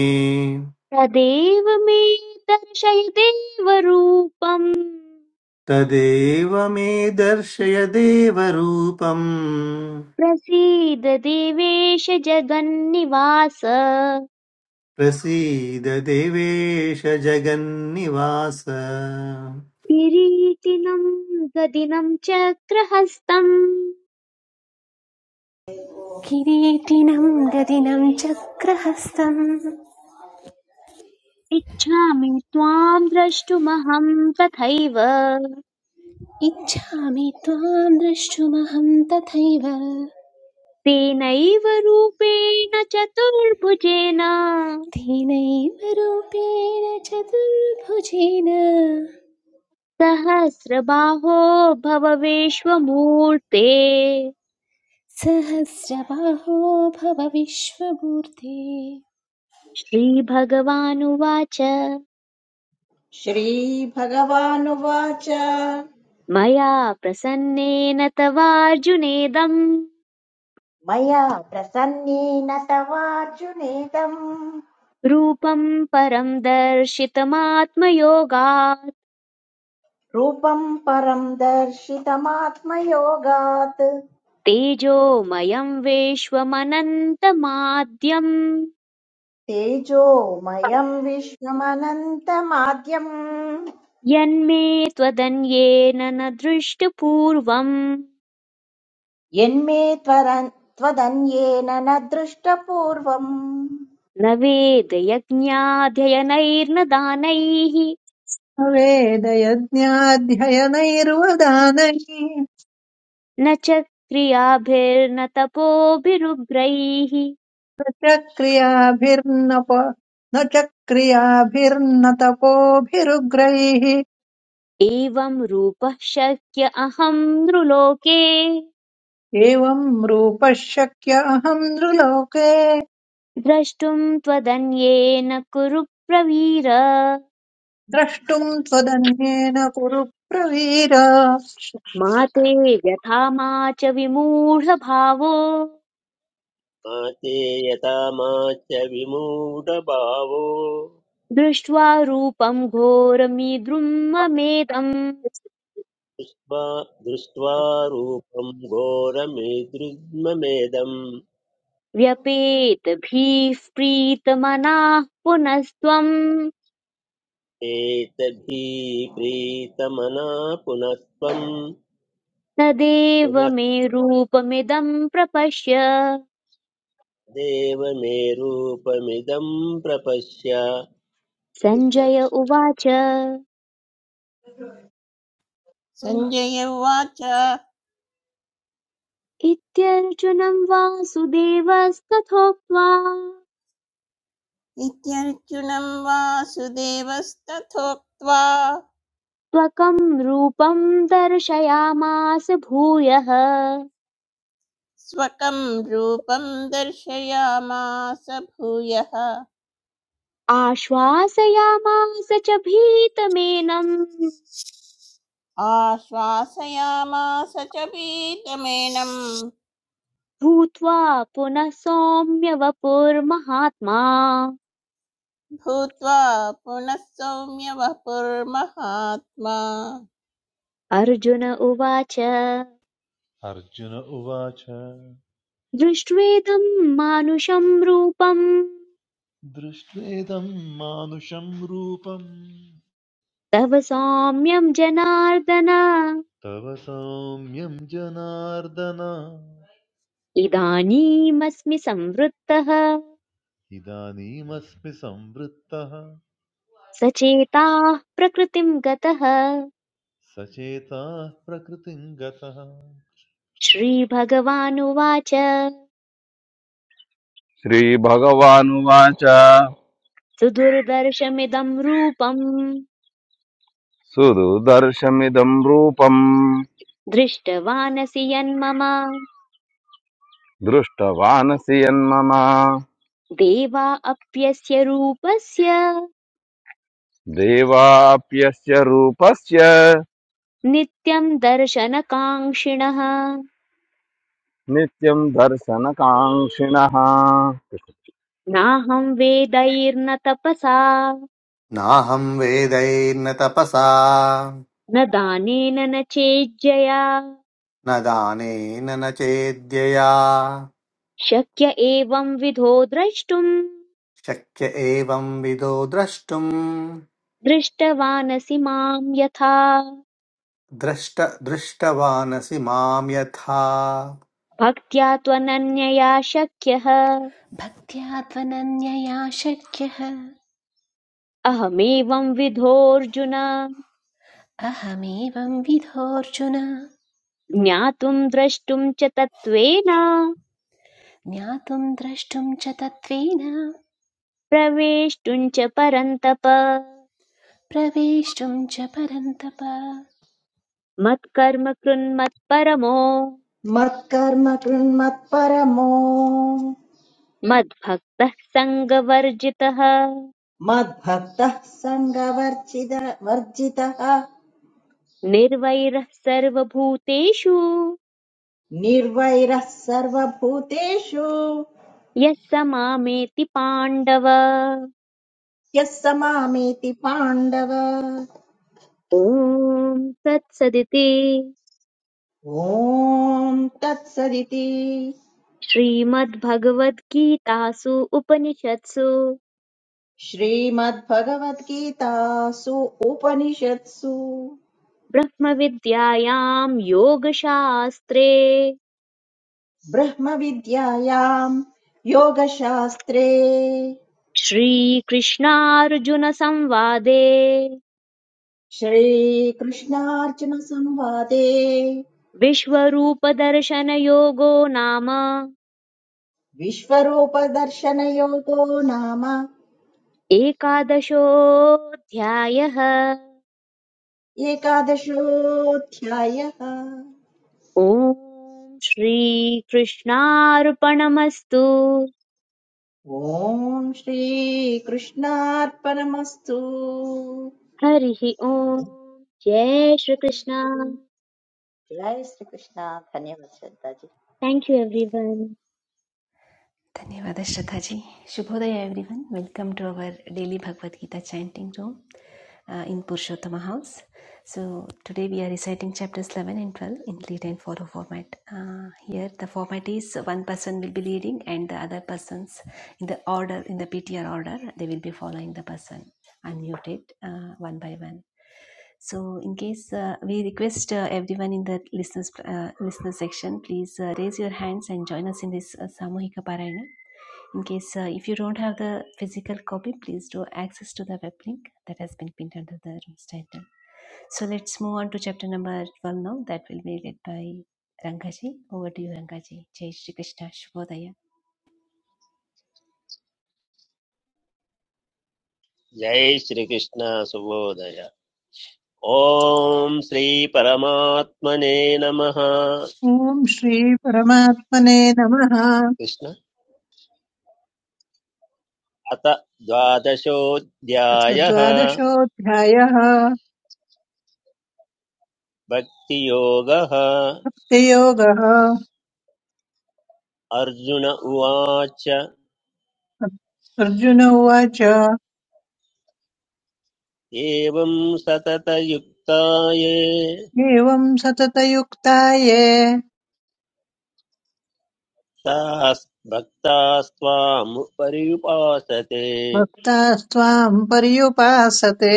[SPEAKER 2] तदेव मे दर्शय देवरूपम्
[SPEAKER 9] तदेव मे दर्शय देवरूपम्
[SPEAKER 2] प्रसीद देवेश जगन्निवास
[SPEAKER 9] प्रसीद देवेश जगन्निवास
[SPEAKER 2] किरीटिनं गदिनं चक्रहस्तम्
[SPEAKER 3] किरीटिनं गदिनं चक्रहस्तम्
[SPEAKER 2] इच्छामि त्वां द्रष्टुमहं तथैव
[SPEAKER 3] इच्छामि त्वां द्रष्टुमहं तथैव
[SPEAKER 2] तेनैव रूपेण चतुर्भुजेन
[SPEAKER 3] तेनैव रूपेण चतुर्भुजेन
[SPEAKER 2] सहस्रबाहो भव विश्वमूर्ते
[SPEAKER 3] सहस्रबाहो भव विश्वमूर्ते
[SPEAKER 2] श्रीभगवानुवाच
[SPEAKER 1] श्रीभगवानुवाच
[SPEAKER 2] मया प्रसन्नेन तवार्जुनेदं
[SPEAKER 1] मया प्रसन्नेन तवार्जुनेदम्
[SPEAKER 2] रूपं परं दर्शितमात्मयोगात्
[SPEAKER 1] रूपं परम् दर्शितमात्मयोगात्
[SPEAKER 2] तेजोमयं विश्वमनन्तमाद्यम्
[SPEAKER 1] तेजोमयम् विश्वमनन्तमाद्यम्
[SPEAKER 2] यन्मे त्वदन्येन न दृष्टपूर्वम्
[SPEAKER 1] यन्मे त्वदन्येन न दृष्टपूर्वम्
[SPEAKER 2] न वेदयज्ञाध्ययनैर्न दानैः
[SPEAKER 4] वेदयज्ञाध्ययनैर्वदानैः न
[SPEAKER 2] न च क्रियाभिर्न तपोभिरुग्रैः
[SPEAKER 4] च क्रियाभिर्नप न च क्रियाभिर्न तपोभिरुग्रैः
[SPEAKER 2] एवं रूपः शक्य अहं नृलोके
[SPEAKER 4] एवम् रूपः शक्य अहम् नृलोके
[SPEAKER 2] द्रष्टुम् त्वदन्येन कुरु प्रवीर
[SPEAKER 4] द्रष्टुम् त्वदन्येन कुरु प्रवीर
[SPEAKER 2] मा ते व्यथा मा च विमूढभावो
[SPEAKER 5] माते यथा मा विमूढभावो
[SPEAKER 2] दृष्ट्वा रूपम् घोरमीद्रुम् ममेदम्
[SPEAKER 5] दृष्ट्वा दृष्ट्वा रूपं घोरमिदृग्ममेदम्
[SPEAKER 2] व्यपेत भीः प्रीतमनाः पुनस्त्वम्
[SPEAKER 5] एतभिप्रीतमना पुनस्त्वं
[SPEAKER 2] तदेव
[SPEAKER 5] पुनः
[SPEAKER 2] मे रूपमिदम् प्रपश्य
[SPEAKER 5] देव मे रूपमिदं प्रपश्य कृष्ण
[SPEAKER 2] सञ्जय
[SPEAKER 5] कृष्ण
[SPEAKER 2] उवाच
[SPEAKER 6] सञ्जय उवाच
[SPEAKER 2] इत्यर्जुनम् वासुदेवस्तथोक्त्वा
[SPEAKER 6] इत्यर्जुनं वासुदेवस्तथोक्त्वा
[SPEAKER 2] त्वकं रूपं दर्शयामास भूयः
[SPEAKER 6] स्वकं रूपं दर्शयामास भूयः
[SPEAKER 2] आश्वासयामास च भीतमेनं
[SPEAKER 6] आश्वासयामास च पीतमेनं
[SPEAKER 2] भूत्वा पुनः सौम्य वपुर्महात्मा
[SPEAKER 6] भूत्वा पुनः सौम्यवपुर्महात्मा
[SPEAKER 2] अर्जुन उवाच
[SPEAKER 7] अर्जुन उवाच
[SPEAKER 2] दृष्ट्वेदं मानुषं रूपं
[SPEAKER 7] दृष्ट्वेदं मानुषं रूपं
[SPEAKER 2] तव सौम्यं जनार्दन
[SPEAKER 7] तव सौम्यं जनार्दन
[SPEAKER 2] इदानीमस्मि संवृत्तः
[SPEAKER 7] इदानीमस्मि संवृत्तः
[SPEAKER 2] सचेताः प्रकृतिं गतः
[SPEAKER 7] सचेताः प्रकृतिं गतः
[SPEAKER 2] श्रीभगवानुवाच
[SPEAKER 10] श्रीभगवानुवाच
[SPEAKER 2] सुदुर्दर्शमिदम् रूपम्
[SPEAKER 10] सुदुदर्शमिदं रूपम्
[SPEAKER 2] दृष्टवानसि यन्मम
[SPEAKER 10] दृष्टवानसि यन्मम
[SPEAKER 2] देवा अप्यस्य रूपस्य
[SPEAKER 10] देवाप्यस्य रूपस्य
[SPEAKER 2] नित्यम् दर्शनकाङ्क्षिणः
[SPEAKER 10] नित्यं दर्शनकाङ्क्षिणः
[SPEAKER 2] नाहं वेदैर्न तपसा
[SPEAKER 9] नाहं वेदैर्न तपसा
[SPEAKER 2] न दानेन न चेज्जया
[SPEAKER 9] न दानेन न चेद्यया
[SPEAKER 2] शक्य एवं विधो द्रष्टुम्
[SPEAKER 9] शक्य एवं विदो द्रष्टुम्
[SPEAKER 2] दृष्टवानसि माम् यथा
[SPEAKER 9] द्रष्ट दृष्टवानसि माम् यथा
[SPEAKER 2] भक्त्या त्वनन्यया शक्यः
[SPEAKER 3] भक्त्या त्वनन्यया शक्यः
[SPEAKER 2] अहमेवंविधोऽर्जुन
[SPEAKER 3] अहमेवं विधोऽर्जुन
[SPEAKER 2] ज्ञातुं द्रष्टुं च तत्त्वेन
[SPEAKER 3] ज्ञातुं द्रष्टुं च तत्त्वेन
[SPEAKER 2] प्रवेष्टुं च परन्तप
[SPEAKER 3] प्रवेष्टुं च परन्तप
[SPEAKER 2] मत्कर्म कृन्मत्परमो
[SPEAKER 1] मत्कर्म कृन्मत्परमो
[SPEAKER 2] मद्भक्तः सङ्गवर्जितः
[SPEAKER 1] मद्भक्तः सङ्गवर्जित
[SPEAKER 2] निर्वैरः सर्वभूतेषु
[SPEAKER 1] निर्वैरः सर्वभूतेषु
[SPEAKER 2] यः स मामेति पाण्डव
[SPEAKER 1] यः स मामेति पाण्डव
[SPEAKER 2] ॐ तत्सदिति
[SPEAKER 1] ॐ तत्सदिति
[SPEAKER 2] श्रीमद्भगवद्गीतासु उपनिषत्सु
[SPEAKER 1] श्रीमद्भगवद्गीतासु उपनिषत्सु
[SPEAKER 2] ब्रह्मविद्यायां योगशास्त्रे
[SPEAKER 1] ब्रह्मविद्यायाम् योगशास्त्रे
[SPEAKER 2] श्रीकृष्णार्जुनसंवादे
[SPEAKER 1] श्रीकृष्णार्जुनसंवादे
[SPEAKER 2] विश्वरूपदर्शनयोगो नाम
[SPEAKER 1] विश्वरूपदर्शनयोगो नाम
[SPEAKER 2] एकादशोऽध्यायः
[SPEAKER 1] एकादशोऽध्यायः
[SPEAKER 2] ॐ श्रीकृष्णार्पणमस्तु
[SPEAKER 1] ॐ श्रीकृष्णार्पणमस्तु
[SPEAKER 2] हरिः ॐ जय श्रीकृष्ण
[SPEAKER 1] जय श्रीकृष्ण धन्यवाद श्रद्धाजी
[SPEAKER 2] थैंक यू एवरीवन
[SPEAKER 3] धन्यवाद श्रद्धा जी शुभोदय everyone welcome to our daily Bhagavad Gita chanting room uh, in Purushottama house. So today we are reciting chapters 11 and 12 in lead and follow format. Uh, here the format is one person will be leading and the other persons in the order in the PTR order they will be following the person. unmuted uh, one by one. So, in case uh, we request uh, everyone in the listeners uh, listener section, please uh, raise your hands and join us in this uh, Samohika Parayana. In case uh, if you don't have the physical copy, please do access to the web link that has been pinned under the room's title. So let's move on to chapter number 12 now. That will be led by Rangaji. Over to you, Rangaji. Jai Shri Krishna Shubhodaya.
[SPEAKER 5] जय श्रीकृष्ण सुबोधय ॐ श्रीपरमात्मने नमः
[SPEAKER 4] ॐ श्रीपरमात्मने नमः
[SPEAKER 5] कृष्ण अत
[SPEAKER 4] अथ
[SPEAKER 5] द्वादशोऽध्यायः
[SPEAKER 4] द्वादशोऽध्यायः
[SPEAKER 5] भक्तियोगः
[SPEAKER 4] योगः
[SPEAKER 5] अर्जुन उवाच
[SPEAKER 4] अर्जुन उवाच
[SPEAKER 5] एवं सततयुक्ताये
[SPEAKER 4] एवम् सततयुक्ता ये
[SPEAKER 5] तास् भक्तास्त्वामुपर्युपासते
[SPEAKER 4] भक्तास्त्वाम् पर्युपासते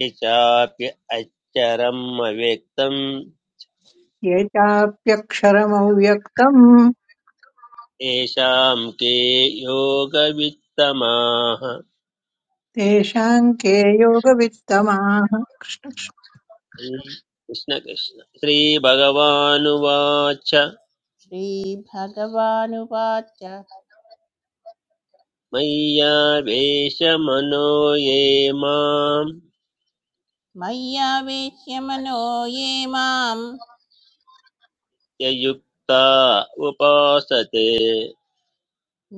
[SPEAKER 5] ये चाप्य अच्चरम् अव्यक्तम्
[SPEAKER 4] ये चाप्यक्षरमव्यक्तम्
[SPEAKER 5] येषाम् के योगवित्तमाः
[SPEAKER 4] तेषाम् के योगवित्तमाः
[SPEAKER 5] कृष्ण कृष्ण श्रीभगवानुवाच
[SPEAKER 6] श्रीभगवानुवाच
[SPEAKER 5] मय्यावेशमनो ये माम्
[SPEAKER 6] मय्यावेश्य मनो ये माम्
[SPEAKER 5] ययुक्ता उपासते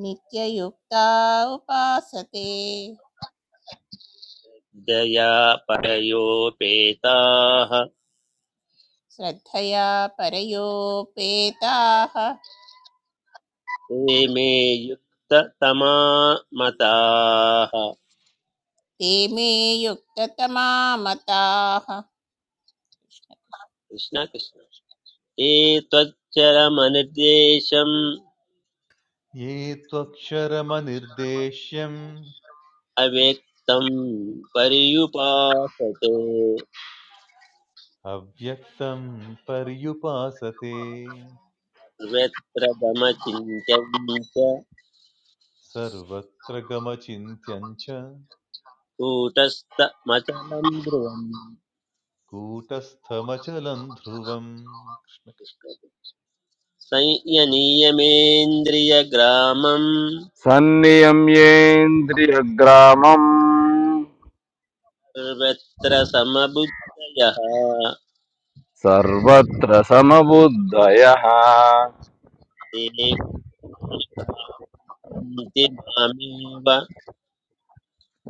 [SPEAKER 6] नित्ययुक्ता उपासते
[SPEAKER 5] दया परयोपेताः
[SPEAKER 6] श्रद्धया परयोपेताः
[SPEAKER 5] ते मे युक्ततमा मताः
[SPEAKER 6] ते मे युक्ततमा मताः
[SPEAKER 5] कृष्ण कृष्ण एतच्चरमनिर्देशम्
[SPEAKER 7] ये त्वक्षरमनिर्देश्यम्
[SPEAKER 5] अव्यक्तम् पर्युपासते
[SPEAKER 7] अव्यक्तं पर्युपासते
[SPEAKER 5] व्यत्रदमचिन्त्यम् च
[SPEAKER 7] सर्वत्र गमचिन्त्यं च
[SPEAKER 5] कूटस्थमचलं ध्रुवम्
[SPEAKER 7] कूटस्थमचलं ध्रुवम्
[SPEAKER 5] संयनीयमेन्द्रियग्रामम्
[SPEAKER 10] सन्नियम्येन्द्रियग्रामम्
[SPEAKER 5] सर्वत्र समबुद्धयः
[SPEAKER 10] सर्वत्र समबुद्धयः
[SPEAKER 5] ते भन्ति मामेव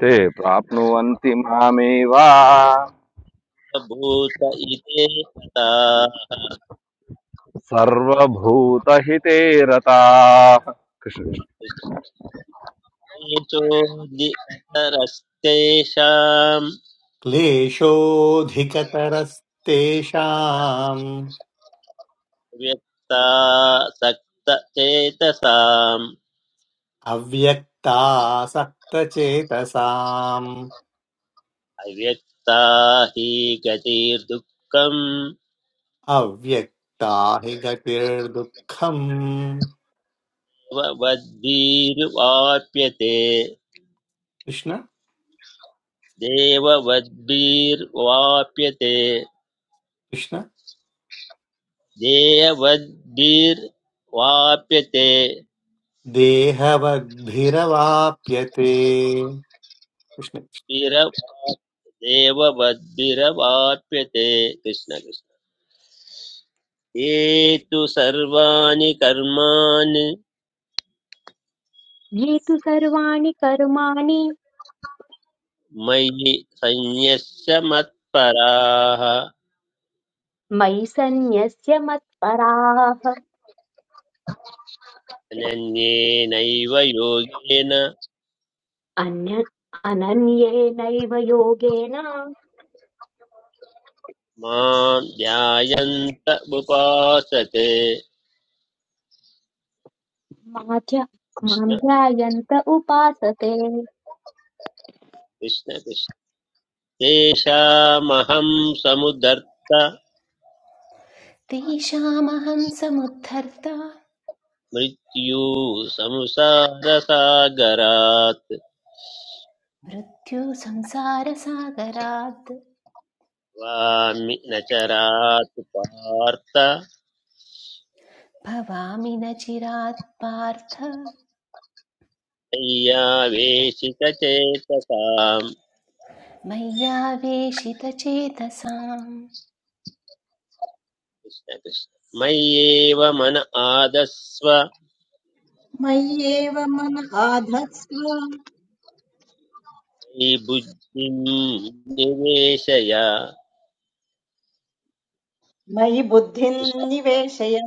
[SPEAKER 10] ते प्राप्नुवन्ति मामेव
[SPEAKER 5] भूत इति तथा
[SPEAKER 10] सर्वभूतहिते रताः कृष्ण।
[SPEAKER 5] कृष्णेशोऽधिकतरस्तेषाम्
[SPEAKER 9] क्लेशोऽधिकतरस्तेषाम्
[SPEAKER 5] अव्यक्ता सक्तचेतसाम्
[SPEAKER 9] अव्यक्तासक्तचेतसाम्
[SPEAKER 5] अव्यक्ता हि गतिर्दुःखम्
[SPEAKER 9] अव्यक्ता हि गतिर्दुःखम्
[SPEAKER 5] देववद्भिर्वाप्यते
[SPEAKER 9] कृष्ण
[SPEAKER 5] देववद्भिर्वाप्यते
[SPEAKER 9] कृष्ण
[SPEAKER 5] देववद्भिर्वाप्यते
[SPEAKER 9] देहवद्भिरवाप्यते कृष्ण
[SPEAKER 5] भिरवाप्यते देववद्भिरवाप्यते कृष्ण कृष्ण ये तु सर्वाणि कर्माणि
[SPEAKER 2] ये तु सर्वाणि कर्माणि
[SPEAKER 5] मयि संयस्य मत्पराः
[SPEAKER 2] मयि सन्न्यस्य मत्पराः
[SPEAKER 5] अनन्येनैव योगेन
[SPEAKER 2] अन्य अनन्येनैव योगेन
[SPEAKER 5] मां ध्यायन्त उपासते
[SPEAKER 2] मां ध्या- मां
[SPEAKER 5] कृष्ण
[SPEAKER 2] ध्यायन्त उपासते
[SPEAKER 5] कृष्ण कृष्ण तेषामहं समुदर्त
[SPEAKER 3] तेषामहं samudharta.
[SPEAKER 5] मृत्यु संसारसागरात्
[SPEAKER 3] मृत्युसंसारसागरात्
[SPEAKER 5] वामि न च रात् पार्थ
[SPEAKER 3] भवामि न चिरात् पार्थ
[SPEAKER 5] मय्यावेशितचेतसाम्
[SPEAKER 3] मय्यावेशितचेतसाम्
[SPEAKER 5] कृष्ण कृष्ण मय्येव मन आदस्व
[SPEAKER 1] मय्येव मन आधत्स्व
[SPEAKER 5] मयि बुद्धिं निवेशय
[SPEAKER 1] मयि बुद्धिं निवेशय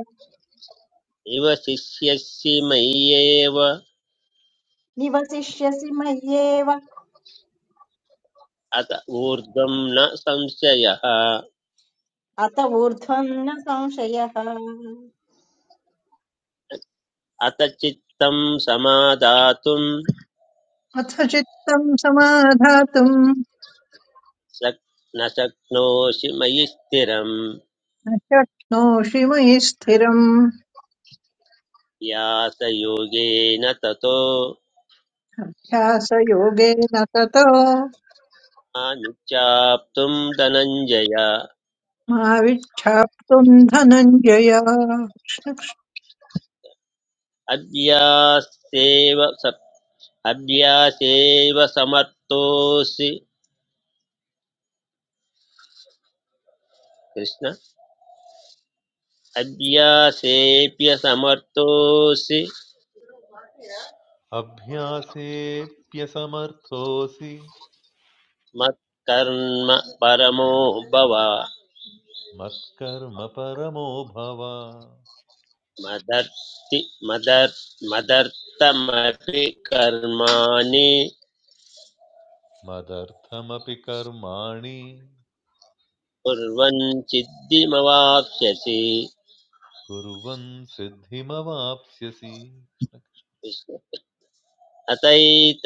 [SPEAKER 5] निवशिष्यसि मय्येव अत
[SPEAKER 1] निवसिष्यसि मय्येव
[SPEAKER 5] ऊर्ध्वं न संशयः
[SPEAKER 1] अत ऊर्ध्वं न संशयः
[SPEAKER 5] अत चित्तं समादातुं
[SPEAKER 4] अथ चित्तम् समाधातुम्
[SPEAKER 5] शक् न शक्नोषि मयि स्थिरं
[SPEAKER 4] न शक्नोषि मयि स्थिरम्
[SPEAKER 5] व्यासयोगेन ततो
[SPEAKER 4] ध्यासयोगेन ततो
[SPEAKER 5] अनुचाप्तुं धनञ्जय
[SPEAKER 4] मा विच्छाप्तुम् धनञ्जय
[SPEAKER 5] अभ्यासेव सप् अभ्यासेव समर्थोऽसि कृष्ण अभ्यासेऽप्यसमर्थोऽसि
[SPEAKER 7] अभ्यासेऽप्यसमर्थोऽसि
[SPEAKER 5] मत्कर्म परमो भव
[SPEAKER 7] मत्कर्म परमो भव
[SPEAKER 5] मदर्ति मदर् मदर्थमपि कर्माणि
[SPEAKER 7] मदर्थमपि कर्माणि
[SPEAKER 5] कुर्वन् सिद्धिमवाप्स्यसि
[SPEAKER 7] कुर्वन् सिद्धिमवाप्स्यसि
[SPEAKER 5] अतैत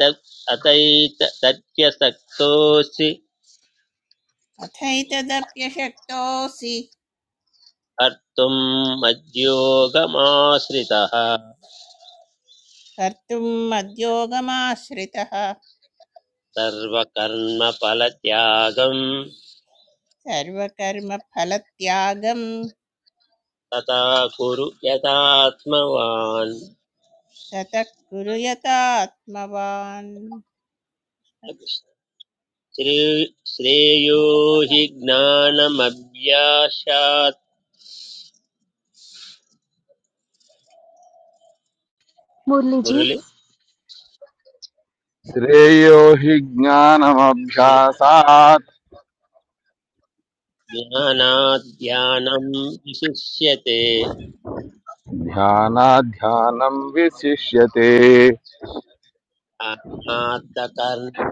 [SPEAKER 5] अतैत तत्यसक्तोऽसि
[SPEAKER 6] अथैतदप्यशक्तोऽसि
[SPEAKER 5] कर्तुं मद्योगमाश्रितः
[SPEAKER 6] कर्तुम् मद्योगमाश्रितः
[SPEAKER 5] सर्वकर्मफलत्यागं
[SPEAKER 6] सर्वकर्मफलत्यागं
[SPEAKER 5] तथा कुरु यथात्मवान्
[SPEAKER 6] ततः कुरु यतात्मवान्
[SPEAKER 5] श्रे- श्रेयो हि ज्ञानमभ्यासात्
[SPEAKER 2] मुरलीजी
[SPEAKER 5] मुरलि
[SPEAKER 10] श्रेयो हि
[SPEAKER 5] श्रे-
[SPEAKER 10] ज्ञानमभ्यासात्
[SPEAKER 5] ज्ञानात् ध्यानं विशिष्यते
[SPEAKER 10] ध्यानाध्यानम् विशिष्यते
[SPEAKER 5] अनात्तकर्ण्या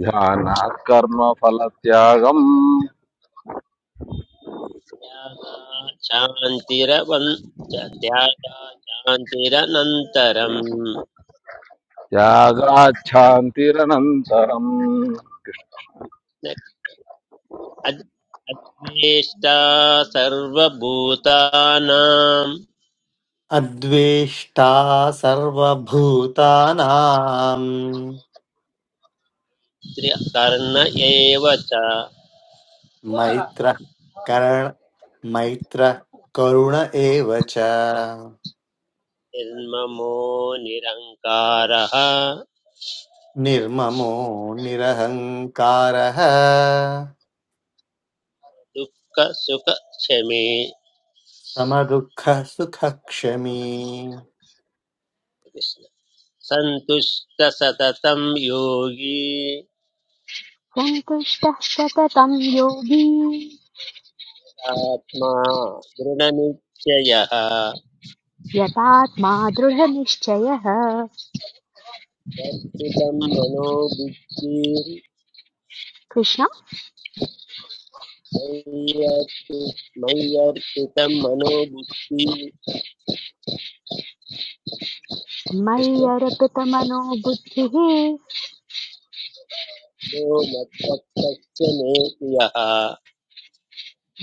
[SPEAKER 10] ध्यानात् कर्मफलत्यागम्
[SPEAKER 5] शान्तिरवन् च- त्यागा शान्तिरनन्तरम्
[SPEAKER 10] त्यागाच्छान्तिरनन्तरम्
[SPEAKER 5] अद्वेष्टा सर्वभूतानां
[SPEAKER 9] अद्वेष्टा सर्वभूतानाम्
[SPEAKER 5] त्रि- एव च
[SPEAKER 9] मैत्रः करण मैत्रः करुण एव च
[SPEAKER 5] निर्ममो निरङ्कारः
[SPEAKER 9] निर्ममो निरहङ्कारः
[SPEAKER 5] दुःखसुखक्षमे
[SPEAKER 9] समदुःखः सुखक्षमी
[SPEAKER 5] कृष्ण सन्तुष्ट सततं योगी
[SPEAKER 2] सन्तुष्टः सततं योगी
[SPEAKER 5] आत्मा दृढनिश्चयः
[SPEAKER 2] यतात्मा दृढनिश्चयः
[SPEAKER 5] वर्तितं मनोबुद्धिर्मय्यर्पि
[SPEAKER 2] कृष्ण
[SPEAKER 5] मय्यर्पितं मनोबुद्धिः
[SPEAKER 2] मयि
[SPEAKER 5] कृष्ण
[SPEAKER 2] अर्पितमनो बुद्धिः
[SPEAKER 5] यो मत्भक्तश्च मे प्रियः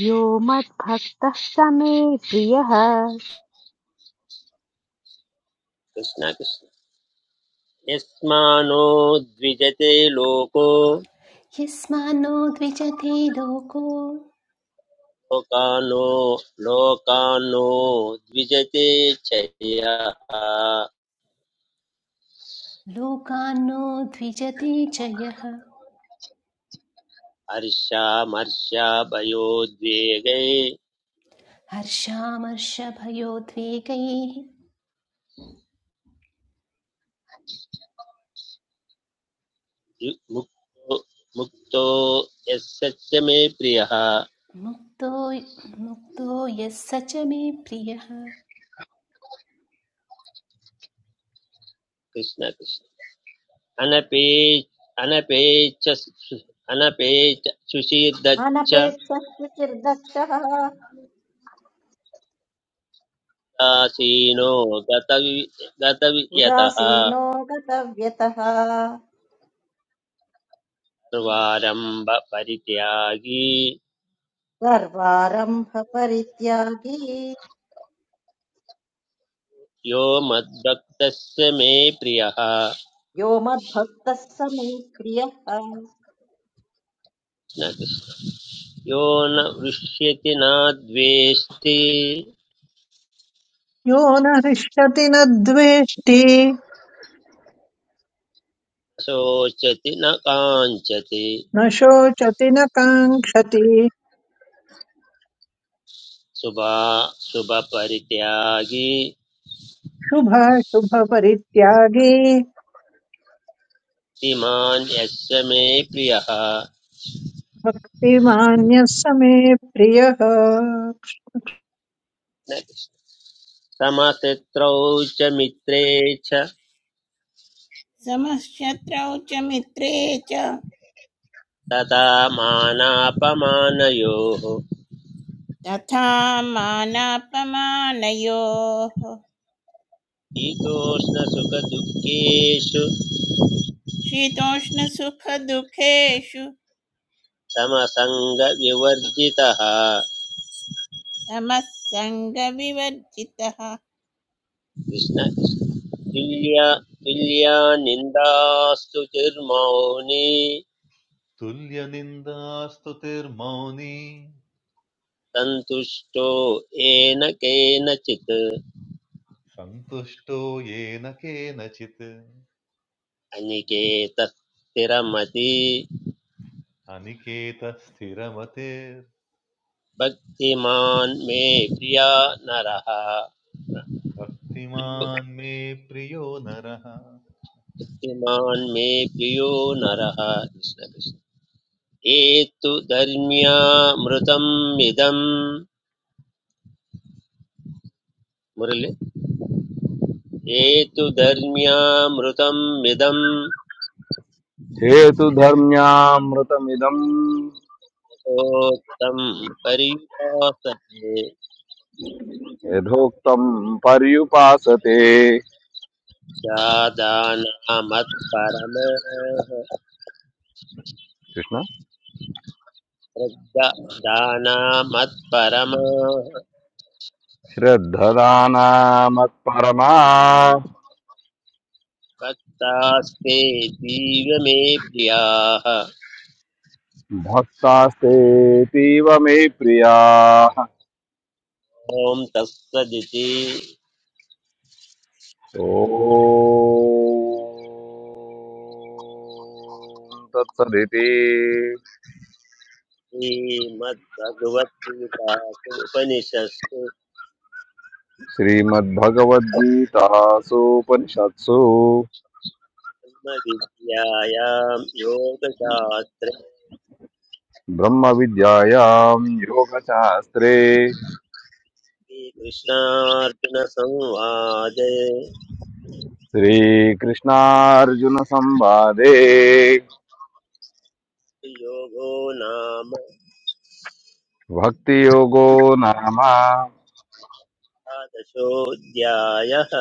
[SPEAKER 2] यो मद्भक्तः स मे प्रियः
[SPEAKER 5] कृष्ण कृष्ण यस्मानो द्विजते लोको
[SPEAKER 3] यस्मान्नो द्विजते लोको
[SPEAKER 5] लोकानो लोकानो द्विजते चया
[SPEAKER 3] लोकान्नो द्विजते च यः
[SPEAKER 5] हर्षामर्षाभयोद्वेगै
[SPEAKER 3] हर्षामर्षभयोद्वेगैः
[SPEAKER 5] यु- मुक्तो मुक्तो यस्य मे प्रियः
[SPEAKER 3] मुक्तो मुक्तो यः स च मे प्रियः
[SPEAKER 5] कृष्ण कृष्ण अनपे अनपेच अनपेच सुशीर्दच्च
[SPEAKER 1] अनपेक्षस्तु चिर्दक्षः
[SPEAKER 5] दासीनो गतवि गतवियतः
[SPEAKER 1] उदासीनो गतव्यतः
[SPEAKER 5] सर्वारम्भ परित्यागी
[SPEAKER 1] सर्वारम्भ परित्यागी
[SPEAKER 5] यो मद्भक्तस्य मे प्रियः
[SPEAKER 1] यो मद्भक्तः समे प्रियः
[SPEAKER 5] न कृष्ण। यो न वृष्यति न द्वेष्टि
[SPEAKER 4] यो न हृष्यति न द्वेष्टि
[SPEAKER 5] शोचति न काञ्चति
[SPEAKER 4] न शोचति न काङ्क्षति
[SPEAKER 5] शुभा शुभपरित्यागी
[SPEAKER 4] शुभाशुभपरित्यागी
[SPEAKER 5] इमान् यस्य मे प्रियः
[SPEAKER 4] श्रीमान्यः समे प्रियः
[SPEAKER 5] न कृष्ण। समशत्रौ च मित्रे च
[SPEAKER 6] समशत्रौ च मित्रे च
[SPEAKER 5] तदा मानापमानयोः
[SPEAKER 6] तथा मानापमानयोः
[SPEAKER 5] शीतोष्णसुखदुःखेषु
[SPEAKER 6] शीतोष्णसुखदुःखेषु
[SPEAKER 5] समसङ्गविवर्जितः
[SPEAKER 6] समः सङ्गविवर्जितः
[SPEAKER 5] कृष्ण तुल्या तुल्या निन्दास्तु चिर्मौनि
[SPEAKER 7] तुल्यनिन्दास्तुतिर्मौनी
[SPEAKER 5] सन्तुष्टो येन केनचित्
[SPEAKER 7] सन्तुष्टो येन केनचित्
[SPEAKER 5] अनिकेतः स्थिरमति
[SPEAKER 7] अनिकेतस्थिरमतिर्भक्तिमान्
[SPEAKER 5] भक्तिमान् मे प्रिया नरः
[SPEAKER 7] मे प्रियो नरः
[SPEAKER 5] भक्तिमान् मे प्रियो नरः कृष्ण कृष्ण एतु धर्म्यामृतम् इदम् मुरलि एतु धर्म्यामृतम् इदम्
[SPEAKER 10] हेतुधर्म्यामृतमिदम्
[SPEAKER 5] ोक्तं पर्युपासते
[SPEAKER 10] यथोक्तम् पर्युपासते
[SPEAKER 5] जादानामत्परमाः
[SPEAKER 10] कृष्ण
[SPEAKER 5] श्रद्धानामत्परमाः
[SPEAKER 10] श्रद्धदानामत्परमा
[SPEAKER 5] भक्तास्ते जीव मे प्रियाः
[SPEAKER 10] भक्तास्तेतीव मे प्रियाः
[SPEAKER 5] ॐ तत्सदिति
[SPEAKER 10] ॐ तत्सदिति
[SPEAKER 5] श्रीमद्भगवद्गीतासु उपनिषत्सु
[SPEAKER 10] श्रीमद्भगवद्गीतासूपनिषत्सु
[SPEAKER 5] ब्रह्मविद्यायां योगशास्त्रे
[SPEAKER 10] ब्रह्मविद्यायां योगशास्त्रे
[SPEAKER 5] श्रीकृष्णार्जुनसंवादे
[SPEAKER 10] श्रीकृष्णार्जुनसंवादे
[SPEAKER 5] योगो नाम
[SPEAKER 10] भक्तियोगो नाम
[SPEAKER 5] एकादशोऽध्यायः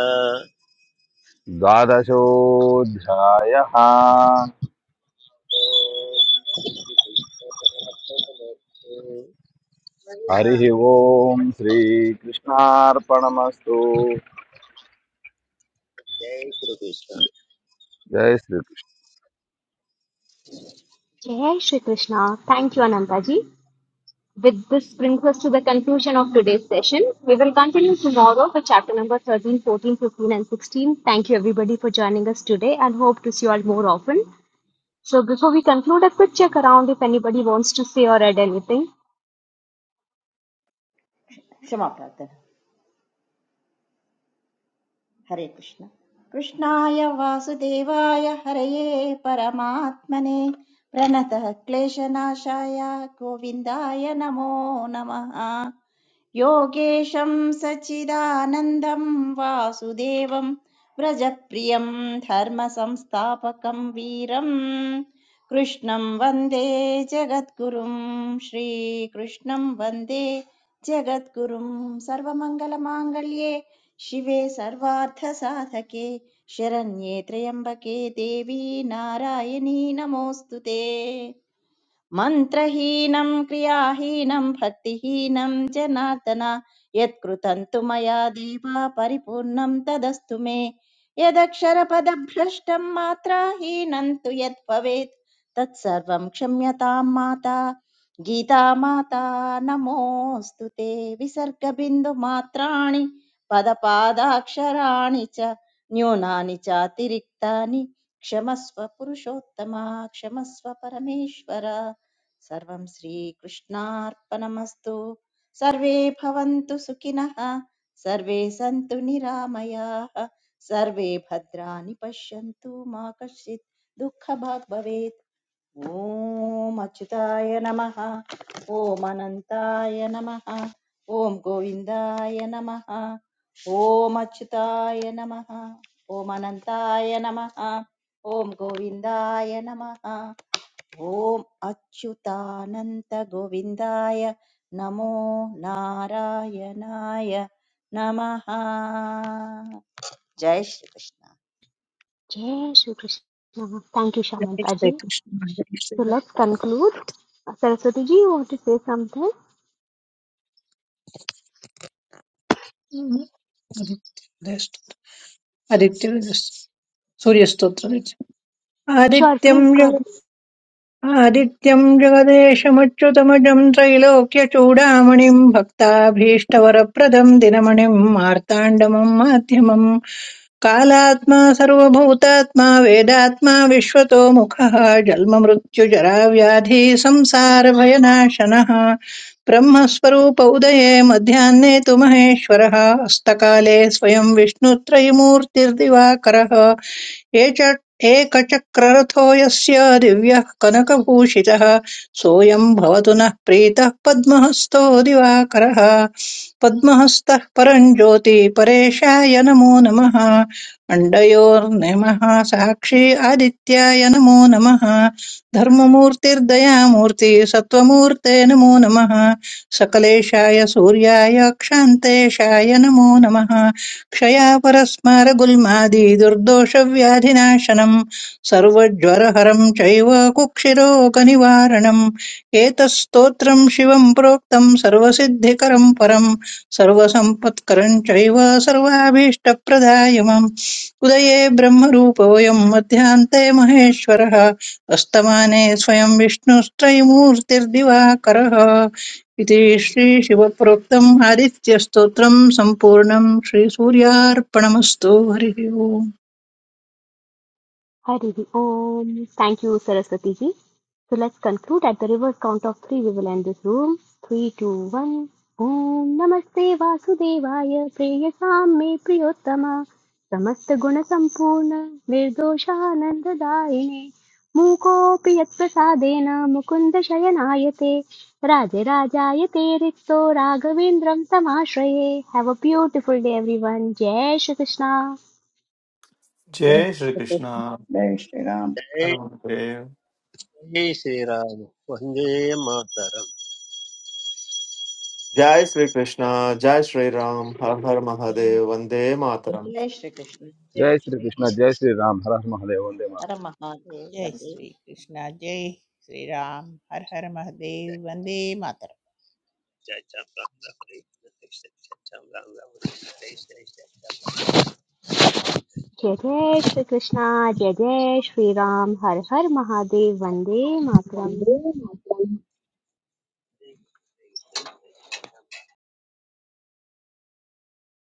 [SPEAKER 10] द्वादशोऽध्यायः
[SPEAKER 5] ॐ
[SPEAKER 10] हरिः ओम् श्रीकृष्णार्पणमस्तु
[SPEAKER 5] जय श्रीकृष्ण
[SPEAKER 10] जय श्री कृष्ण।
[SPEAKER 2] जय Shri Krishna thank you Ananta ji With this brings us to the conclusion of today's session. We will continue tomorrow for chapter number 13, 14, 15, and 16. Thank you everybody for joining us today and hope to see you all more often. So before we conclude, a quick check around if anybody wants to say or add anything.
[SPEAKER 1] क्षमा प्रार्थना हरे कृष्ण कृष्णाय वासुदेवाय हरये परमात्मने प्रणतः क्लेशनाशाय गोविन्दाय नमो नमः योगेशं सच्चिदानन्दं वासुदेवं व्रजप्रियं धर्मसंस्थापकं वीरं कृष्णं वन्दे जगद्गुरुं श्रीकृष्णं वन्दे जगद्गुरुं सर्वमङ्गलमाङ्गल्ये शिवे सर्वार्थसाधके शरण्ये त्र्यम्बके देवी नारायणी नमोऽस्तु ते मन्त्रहीनं क्रियाहीनं भक्तिहीनं जनार्दन यत्कृतं तु मया देव परिपूर्णं तदस्तु मे यदक्षरपदभ्रष्टं मात्राहीनं तु यत् भवेत् तत्सर्वं क्षम्यतां माता गीता माता नमोऽस्तु ते विसर्गबिन्दुमात्राणि पदपादाक्षराणि च न्यूनानि चातिरिक्तानि क्षमस्व पुरुषोत्तमा क्षमस्व परमेश्वर सर्वं श्रीकृष्णार्पणमस्तु सर्वे भवन्तु सुखिनः सर्वे सन्तु निरामयाः सर्वे भद्राणि पश्यन्तु मा कश्चित् दुःखभाग् भवेत् ॐ अच्युताय नमः ॐ अनन्ताय नमः ॐ गोविन्दाय नमः ॐ अच्युताय नमः ॐ अनन्ताय नमः ॐ गोविन्दाय नमः ॐ अच्युतानन्तगोविन्दाय नमो नारायणाय नमः जय Shri Krishna
[SPEAKER 2] Jai Shri Krishna. Thank you,
[SPEAKER 4] जय
[SPEAKER 2] Shamantaji.
[SPEAKER 4] श्रीकृष्ण जय
[SPEAKER 2] So
[SPEAKER 4] Shriram
[SPEAKER 2] let's conclude. Uh, Saraswati ji, you want to say something?
[SPEAKER 4] Aditya सूर्यस्तोत्रम्
[SPEAKER 2] Sure, please go
[SPEAKER 4] आदित्यं
[SPEAKER 2] ahead.
[SPEAKER 4] आदित्यम् जगदेशमच्युतमजम् त्रैलोक्यचूडामणिम् भक्ताभीष्टवरप्रदम् दिनमणिम् मार्ताण्डमम् माध्यमम् कालात्मा सर्वभूतात्मा वेदात्मा विश्वतो मुखः जन्ममृत्युजराव्याधि संसारभयनाशनः ब्रह्मस्वरूप उदये मध्याह्ने तु महेश्वरः अस्तकाले स्वयं विष्णुत्रयमूर्तिर्दिवाकरः ये च एकचक्ररथो यस्य दिव्यः कनकभूषितः सोऽयं भवतु नः प्रीतः पद्महस्तो दिवाकरः पद्महस्तः परं ज्योति परेशाय नमो नमः अण्डयोर्नमः साक्षी आदित्याय नमो नमः धर्ममूर्तिर्दयामूर्ति सत्त्वमूर्ते नमो नमः सकलेशाय सूर्याय क्षान्तेशाय नमो नमः क्षयापरस्मारगुल्मादि दुर्दोषव्याधिनाशनम् सर्वज्वरहरम् चैव कुक्षिरोगनिवारणम् एतत्स्तोत्रम् शिवम् प्रोक्तम् सर्वसिद्धिकरम् परम् सर्वसम्पत्करम् चैव सर्वाभीष्टप्रदायमम् उदये ब्रह्मरूपवयम् मध्यान्ते महेश्वरः अस्तमाने स्वयं विष्णुस्त्रयमूर्तिर्दिवाकरः इति श्रीशिवप्रोक्तम् हरित्यस्तोत्रम् सम्पूर्णम् श्रीसूर्यार्पणमस्तु हरिः ओम्
[SPEAKER 2] Hari Om. Thank you, Saraswati ji. So let's conclude at the reverse count of three. We will end this room. Three, two, one. Om Namaste Vasudevaya Preyasam Me Priyottama Samasta Guna Sampurna Nirdoshananda Daine Mukopi Yat Prasadena Mukunda Shayanayate Raja Rajayate Rikto Raghavendram Tamashreye Have a beautiful day everyone. Jai Shri Krishna.
[SPEAKER 9] जय श्रीकृष्ण
[SPEAKER 5] जय जय श्रीराम वन्दे मातरम्
[SPEAKER 11] Jai Sri Krishna, Jai Sri Ram, Har Har Mahadev, Vande Mataram.
[SPEAKER 1] जय श्रीकृष्ण जय
[SPEAKER 10] జై శ్రీకృష్ణ
[SPEAKER 1] श्रीराम
[SPEAKER 10] జై శ్రీరామ్ హర హర మహాదేవ్ వందే మాత్రం
[SPEAKER 1] हर महादेव
[SPEAKER 6] जय
[SPEAKER 1] वन्दे
[SPEAKER 6] श्रीकृष्ण जय श्रीराम हर हर महादेव
[SPEAKER 5] जय
[SPEAKER 6] वन्दे मातरम्
[SPEAKER 5] जय श्याम राम राम हरे कृष्ण, जय जय श्याम राम राम हरे कृष्ण, जय जय श्याम राम राम हरे कृष्ण, जय जय श्याम राम हरे कृष्ण, जय जय
[SPEAKER 2] जय
[SPEAKER 5] श्याम राम
[SPEAKER 2] जय
[SPEAKER 5] राम
[SPEAKER 2] श्री कृष्णा जय जय श्री राम हर हर महादेव वंदे मातरम
[SPEAKER 5] हरे कृष्ण।